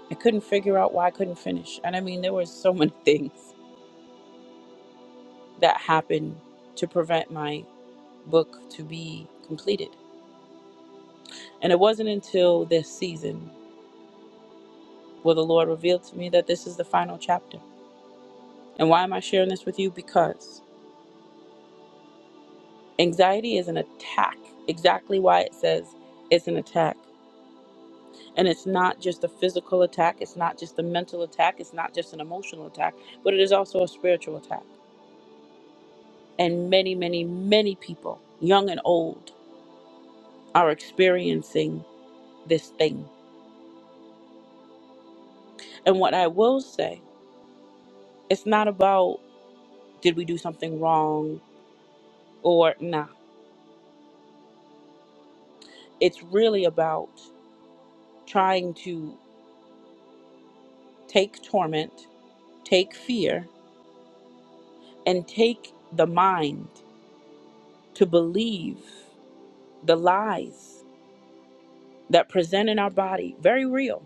S1: I couldn't figure out why I couldn't finish. And I mean, there were so many [laughs] things that happened to prevent my book to be completed. And it wasn't until this season Well, the Lord revealed to me that this is the final chapter. And why am I sharing this with you? Because anxiety is an attack, exactly why it says it's an attack. And it's not just a physical attack, it's not just a mental attack, it's not just an emotional attack, but it is also a spiritual attack. And many, many, many people, young and old, are experiencing this thing. And what I will say, it's not about did we do something wrong or nah. It's really about trying to take torment, take fear, and take the mind to believe the lies that present in our body, very real,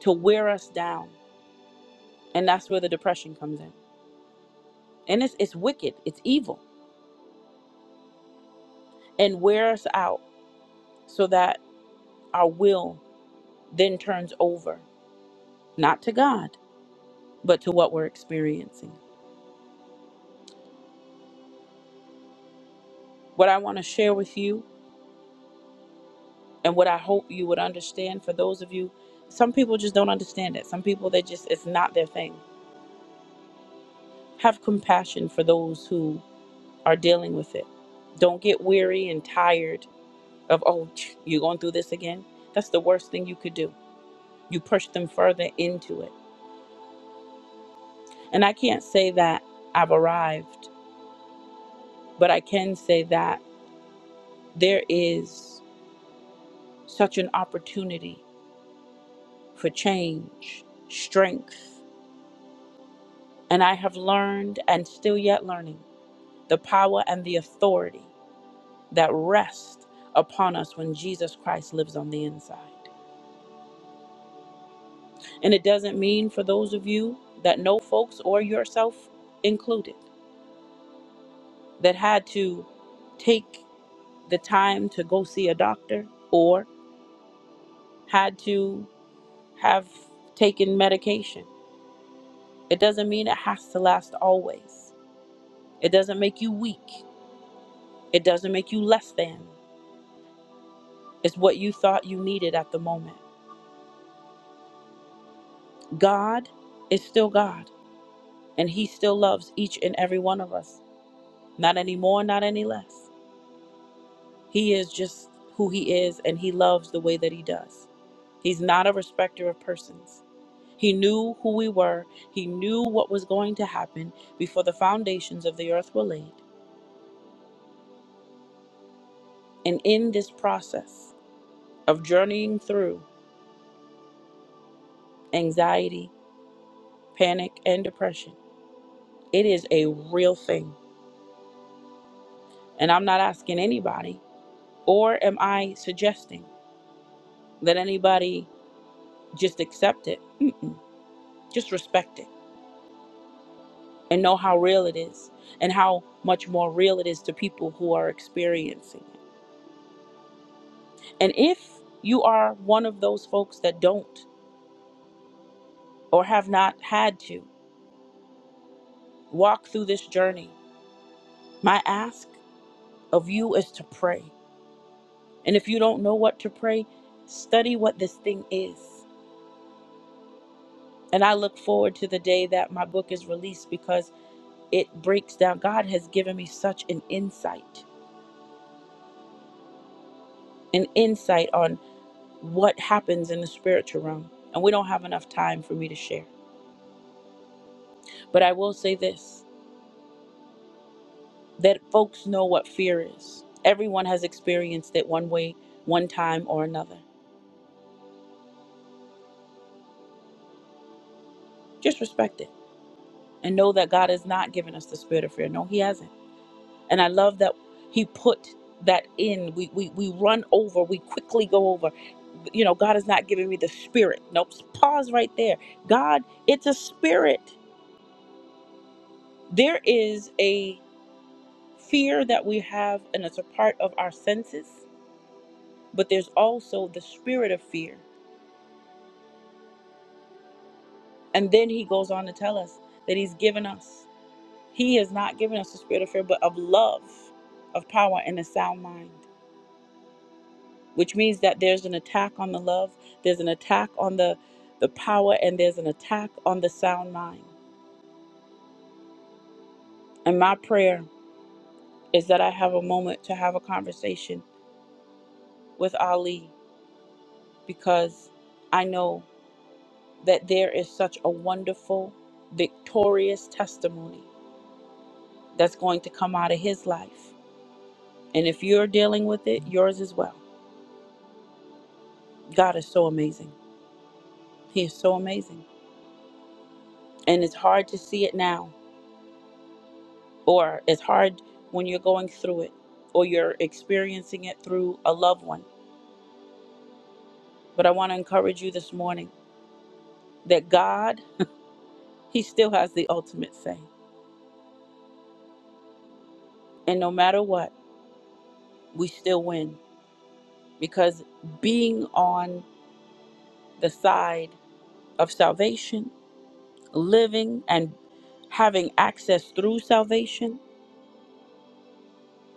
S1: to wear us down. And that's where the depression comes in. And it's, it's wicked, it's evil, and wear us out so that our will then turns over, not to God, but to what we're experiencing. What I want to share with you, and what I hope you would understand for those of you, some people just don't understand it. Some people, they just, it's not their thing Have compassion for those who are dealing with it. Don't get weary and tired of, oh, you're going through this again. That's the worst thing you could do. You push them further into it. And I can't say that I've arrived, but I can say that there is such an opportunity for change, strength. And I have learned and still yet learning the power and the authority that rest upon us when Jesus Christ lives on the inside. And it doesn't mean for those of you that know folks or yourself included that had to take the time to go see a doctor or had to have taken medication. It doesn't mean it has to last always. It doesn't make you weak. It doesn't make you less than. It's what you thought you needed at the moment. God is still God, and He still loves each and every one of us. Not any more, not any less. He is just who he is and he loves the way that he does. He's not a respecter of persons. He knew who we were, he knew what was going to happen before the foundations of the earth were laid. And in this process of journeying through anxiety, panic, and depression, it is a real thing. And I'm not asking anybody, or am I suggesting that anybody just accept it? Mm-mm. Just respect it and know how real it is and how much more real it is to people who are experiencing it. And if you are one of those folks that don't or have not had to walk through this journey, my ask of you is to pray. And if you don't know what to pray, study what this thing is. And I look forward to the day that my book is released because it breaks down. God has given me such an insight, an insight on what happens in the spiritual realm. And we don't have enough time for me to share. But I will say this that folks know what fear is. Everyone has experienced it one way, one time, or another. Just respect it and know that God has not given us the spirit of fear. No, He hasn't. And I love that He put that in. We, we, we run over, we quickly go over. You know, God has not given me the spirit. Nope. Pause right there. God, it's a spirit. There is a. fear that we have, and it's a part of our senses, but there's also the spirit of fear. And then he goes on to tell us that he's given us, he has not given us the spirit of fear, but of love, of power, and a sound mind, which means that there's an attack on the love, there's an attack on the, the power, and there's an attack on the sound mind. And my prayer is that I have a moment to have a conversation with Ali because. I know that there is such a wonderful, victorious testimony that's going to come out of his life. And if you're dealing with it, yours as well. God is so amazing. He is so amazing. And it's hard to see it now, or it's hard when you're going through it, or you're experiencing it through a loved one. But I want to encourage you this morning that God, He still has the ultimate say. And no matter what, we still win because being on the side of salvation living and having access through salvation,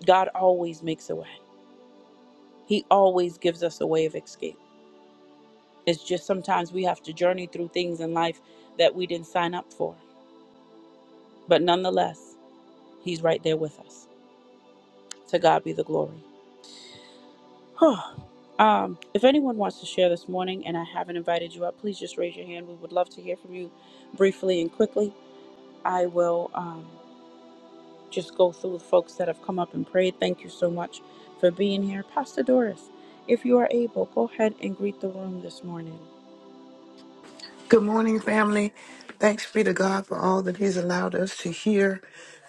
S1: God always makes a way. He always gives us a way of escape. It's just sometimes we have to journey through things in life that we didn't sign up for. But nonetheless, He's right there with us. To God be the glory. [sighs] um, if anyone wants to share this morning and I haven't invited you up, please just raise your hand. We would love to hear from you briefly and quickly. I will. Um, just go through the folks that have come up and prayed. Thank you so much for being here. Pastor Doris, if you are able, go ahead and greet the room this morning.
S6: Good morning, family. Thanks be to God for all that He's allowed us to hear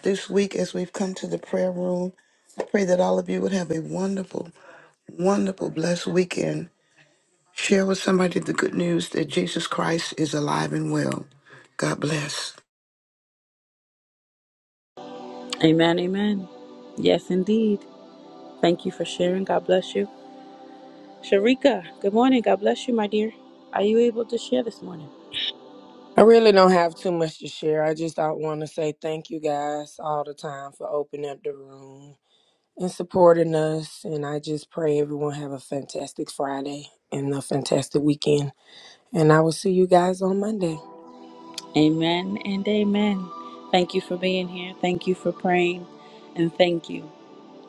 S6: this week as we've come to the prayer room. I pray that all of you would have a wonderful, wonderful, blessed weekend. Share with somebody the good news that Jesus Christ is alive and well. God bless.
S1: Amen, amen. Yes, indeed. Thank you for sharing. God bless you. Sharika, good morning. God bless you, my dear. Are you able to share this morning?
S2: I really don't have too much to share. I just want to say thank you guys all the time for opening up the room. and supporting us. And I just pray everyone have a fantastic Friday and a fantastic weekend. And I will see you guys on Monday.
S1: Amen and amen. Thank you for being here. Thank you for praying. And thank you.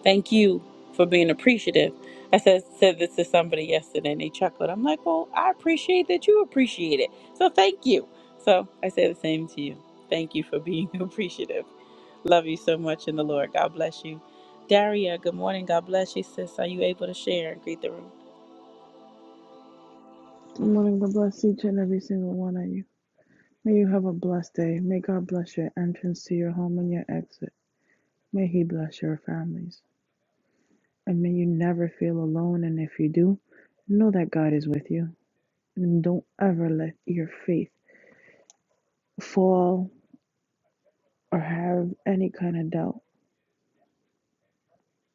S1: Thank you for being appreciative. I said said this to somebody yesterday and they chuckled. I'm like, Well, I appreciate that you appreciate it. So thank you. So I say the same to you. Thank you for being [laughs] appreciative. Love you so much in the Lord. God bless you. Daria, good morning. God bless you, sis. Are you able to share and greet the room?
S4: Good morning. God bless each and every single one of you. May you have a blessed day. May God bless your entrance to your home and your exit. May He bless your families. And may you never feel alone. And if you do, know that God is with you. And don't ever let your faith fall or have any kind of doubt.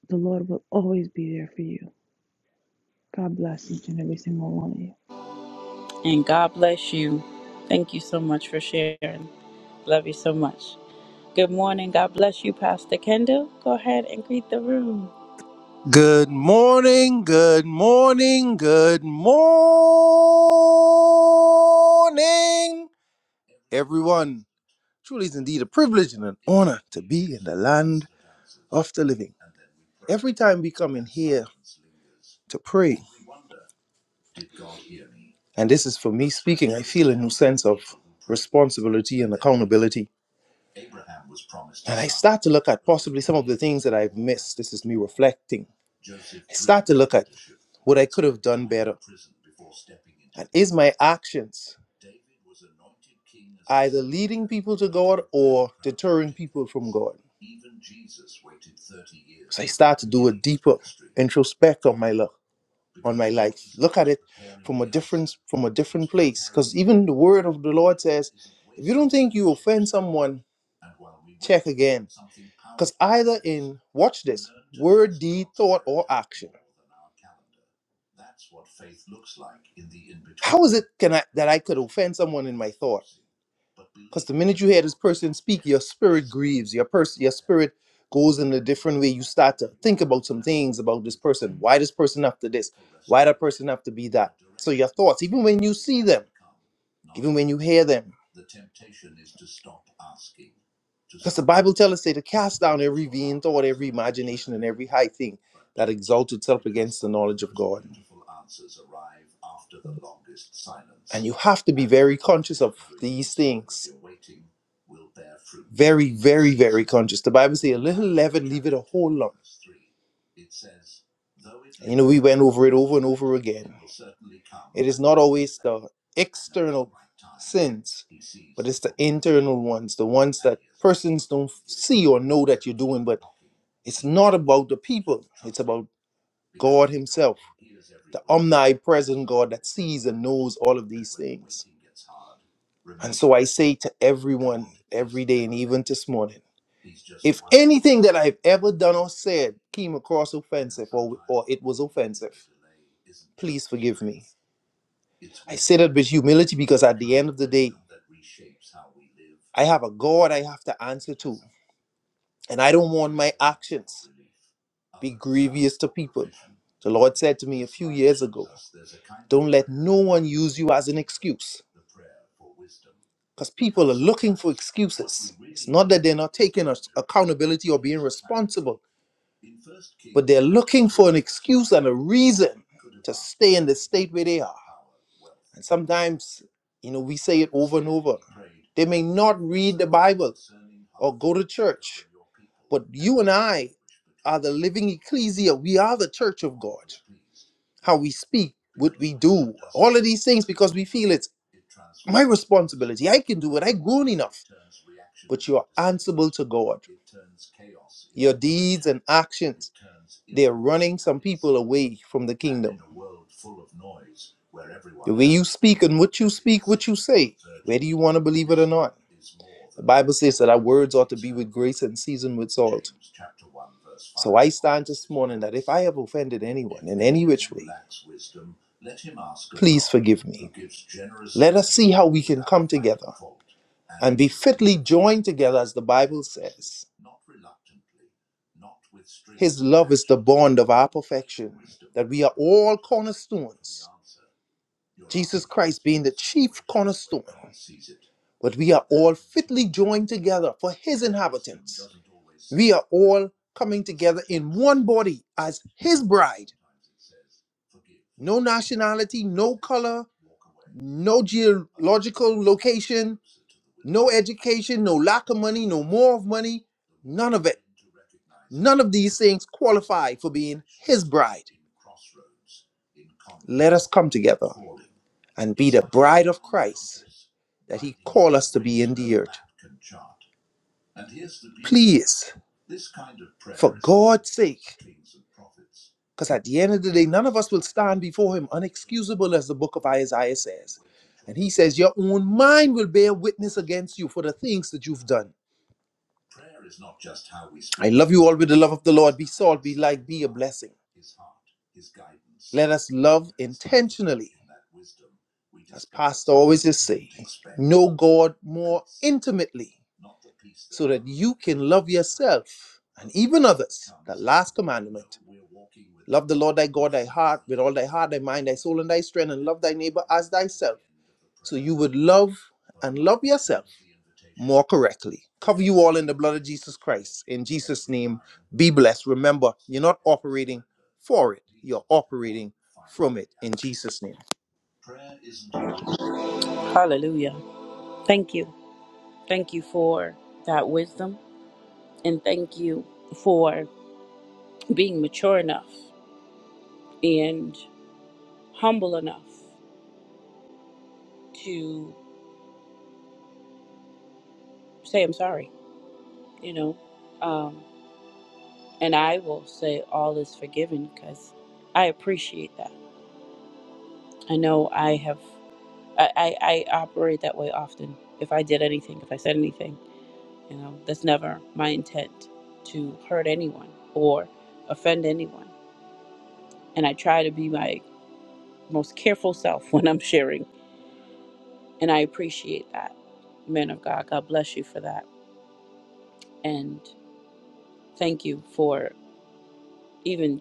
S4: The Lord will always be there for you. God bless each and every single one of you.
S1: And God bless you. Thank you so much for sharing. Love you so much. Good morning. God bless you, Pastor Kendall. Go ahead and greet the room.
S3: Good morning, good morning, good morning, everyone. Truly is indeed a privilege and an honor to be in the land of the living. Every time we come in here to pray, and this is for me speaking, I feel a new sense of responsibility and accountability And I start to look at possibly some of the things that I've missed. This is me reflecting. I start to look at what I could have done better. And is my actions either leading people to God or deterring people from God? So I start to do a deeper introspect on my life, on my life. Look at it from a different from a different place. Because even the word of the Lord says, if you don't think you offend someone, check again. Because either in watch this word, deed, thought, or action. How is it can I that I could offend someone in my thought? Because the minute you hear this person speak, your spirit grieves. Your person, your spirit goes in a different way. You start to think about some things about this person. Why this person have to this? Why that person have to be that? So your thoughts, even when you see them, even when you hear them. Because the Bible tells us say to cast down every vain thought, every imagination, and every high thing that exalts itself against the knowledge of God. And you have to be very conscious of these things. Very, very, very conscious. The Bible says a little leaven, leave it a whole lump. you know, we went over it over and over again. It is not always the external sins, but it's the internal ones, the ones that persons don't see or know that you're doing, but It's not about the people, it's about God Himself, the omnipresent God that sees and knows all of these things. And so I say to everyone every day and even this morning if anything that I've ever done or said came across offensive or, or it was offensive, please forgive me. I say that with humility because at the end of the day, I have a God I have to answer to, and I don't want my actions. be grievous to people. The Lord said to me a few years ago, don't let no one use you as an excuse because people are looking for excuses. It's not that they're not taking us- accountability or being responsible, but they're looking for an excuse and a reason to stay in the state where they are. And sometimes, you know, we say it over and over. They may not read the Bible or go to church, but you and I are the living ecclesia. We are the church of God. how we speak, what we do, all of these things because we feel it's my responsibility. I can do it. I'm grown enough. But you're answerable to God. Your deeds and actions, they're running some people away from the kingdom. The way you speak and what you speak, what you say, whether you want to believe it or not. The Bible says that our words ought to be with grace and seasoned with salt. So I stand this morning that if I have offended anyone in any which way, please forgive me. Let us see how we can come together and be fitly joined together, as the Bible says. His love is the bond of our perfection, that we are all cornerstones. Jesus Christ being the chief cornerstone. But we are all fitly joined together for his inhabitants. We are all coming together in one body as his bride. No nationality, no color, no geological location, no education, no lack of money, no more of money, none of it. None of these things qualify for being his bride. Let us come together and be the bride of Christ that he called us to be in the earth. Please, for God's sake, because at the end of the day, none of us will stand before him unexcusable, as the book of Isaiah says. And he says, Your own mind will bear witness against you for the things that you've done. I love you all with the love of the Lord. Be salt, be light, be a blessing. Let us love intentionally. As Pastor always is saying, know God more intimately so that you can love yourself and even peace that others. The last commandment love the Lord thy God, thy heart, with all thy heart, thy mind, thy soul, and thy strength, and love thy neighbor as thyself so you would love and love yourself more correctly. Cover you all in the blood of Jesus Christ. In Jesus' name, be blessed. Remember, you're not operating for it, you're operating from it. In Jesus' name.
S1: Hallelujah. Thank you. Thank you for that wisdom. And thank you for being mature enough and humble enough to say, I'm sorry, you know. Um, and I will say, all is forgiven because I appreciate that. I know I have. I, I, I operate that way often. If I did anything, if I said anything, you know, that's never my intent to hurt anyone or offend anyone. And I try to be my most careful self [laughs] when I'm sharing. And I appreciate that. Man of God, God bless you for that. And thank you for even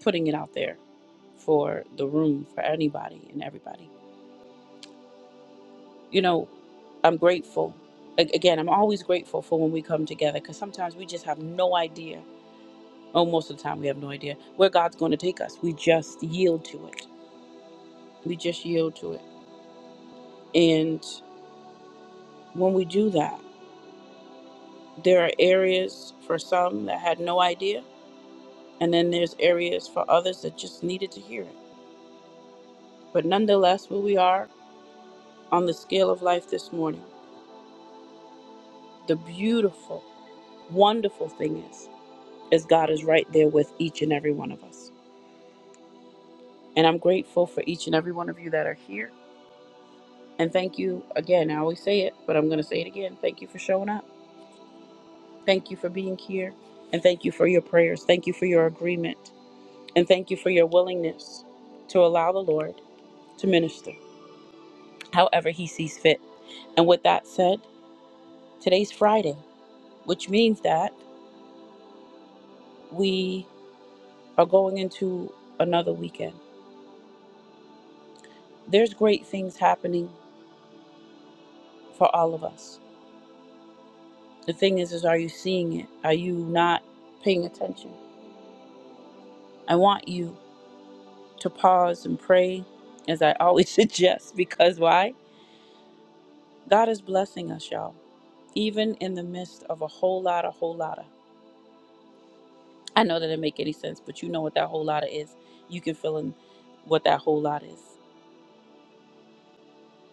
S1: putting it out there for the room for anybody and everybody. You know, I'm grateful. A- Again, I'm always grateful for when we come together because sometimes we just have no idea Oh, most of the time we have no idea where God's going to take us. We just yield to it. We just yield to it. And when we do that, there are areas for some that had no idea, and then there's areas for others that just needed to hear it. But nonetheless, where we are on the scale of life this morning, the beautiful, wonderful thing is, is God is right there with each and every one of us. And I'm grateful for each and every one of you that are here. And thank you again. I always say it, but I'm going to say it again. Thank you for showing up Thank you for being here. And thank you for your prayers. Thank you for your agreement. And thank you for your willingness to allow the Lord to minister however He sees fit. And with that said, today's Friday, which means that we are going into another weekend. There's great things happening for all of us. The thing is, is are you seeing it? Are you not paying attention? I want you to pause and pray, as I always [laughs] suggest, because why? God is blessing us, y'all. even in the midst of a whole lot, a whole lot of. I know that didn't make any sense, but you know what that whole lot of is. You can fill in what that whole lot is.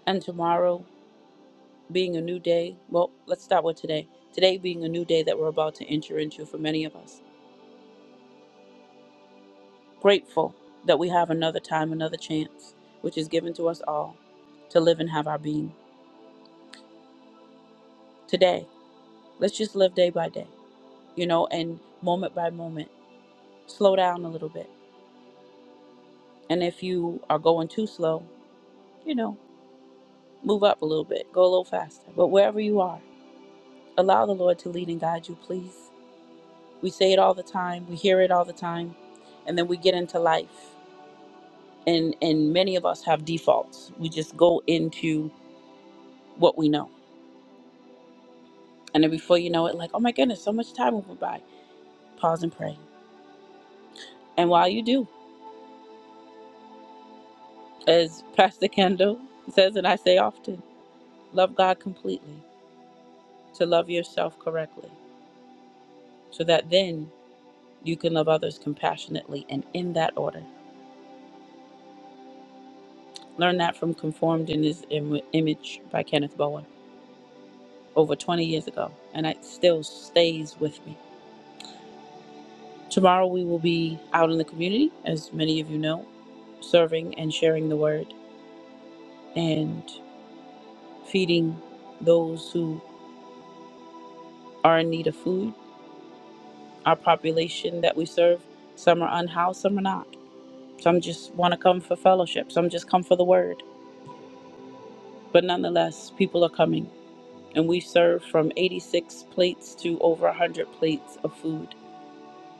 S1: And tomorrow being a new day, well, let's start with today. Today being a new day that we're about to enter into for many of us. Grateful that we have another time, another chance, which is given to us all to live and have our being. Today, let's just live day by day, you know, and moment by moment. Slow down a little bit. And if you are going too slow, you know. Move up a little bit, go a little faster. But wherever you are, allow the Lord to lead and guide you, please. We say it all the time, we hear it all the time, and then we get into life. And and many of us have defaults. We just go into what we know. And then before you know it, like, oh my goodness, so much time went by. Pause and pray. And while you do, as [laughs] Pastor Kendall says, and I say often, love God completely, to love yourself correctly, so that then you can love others compassionately and in that order. Learned that from Conformed in His Im- Image by Kenneth Bowen over 20 years ago, and it still stays with me. Tomorrow we will be out in the community, as many of you know, serving and sharing the word and feeding those who are in need of food. Our population that we serve, some are unhoused, some are not. Some just want to come for fellowship, some just come for the word. But nonetheless, people are coming, and we serve from 86 plates to over 100 plates of food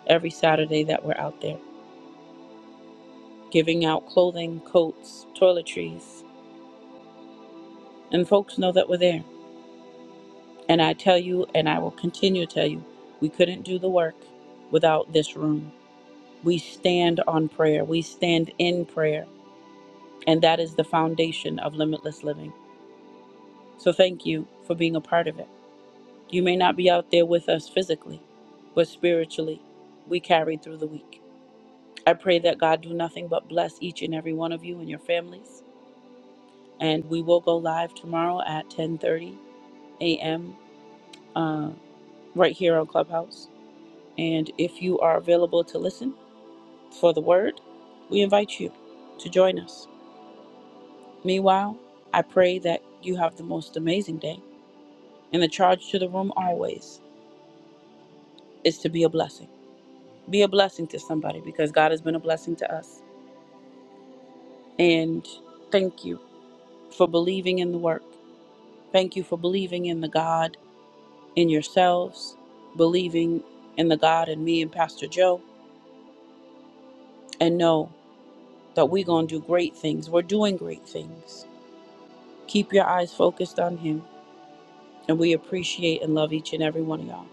S1: every Saturday that we're out there, giving out clothing, coats, toiletries, and folks know that we're there. And I tell you, and I will continue to tell you, we couldn't do the work without this room. We stand on prayer, we stand in prayer, and that is the foundation of limitless living. So thank you for being a part of it. You may not be out there with us physically, but spiritually, we carried through the week. I pray that God do nothing but bless each and every one of you and your families and we will go live tomorrow at 10:30 a.m. Uh, right here on Clubhouse. And if you are available to listen for the word, we invite you to join us. Meanwhile, I pray that you have the most amazing day. And the charge to the room always is to be a blessing. Be a blessing to somebody because God has been a blessing to us. And thank you for believing in the work. Thank you for believing in the God in yourselves, believing in the God and me and Pastor Joe, and know that we're going to do great things. We're doing great things. Keep your eyes focused on Him, and we appreciate and love each and every one of y'all.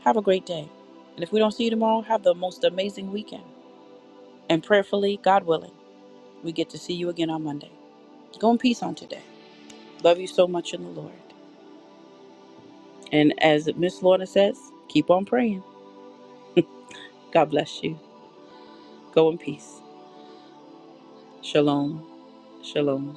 S1: Have a great day. And if we don't see you tomorrow, have the most amazing weekend. And prayerfully, God willing, we get to see you again on Monday. Go in peace on today. Love you so much in the Lord. And as Miss Lorna says, keep on praying. God bless you. Go in peace. Shalom. Shalom.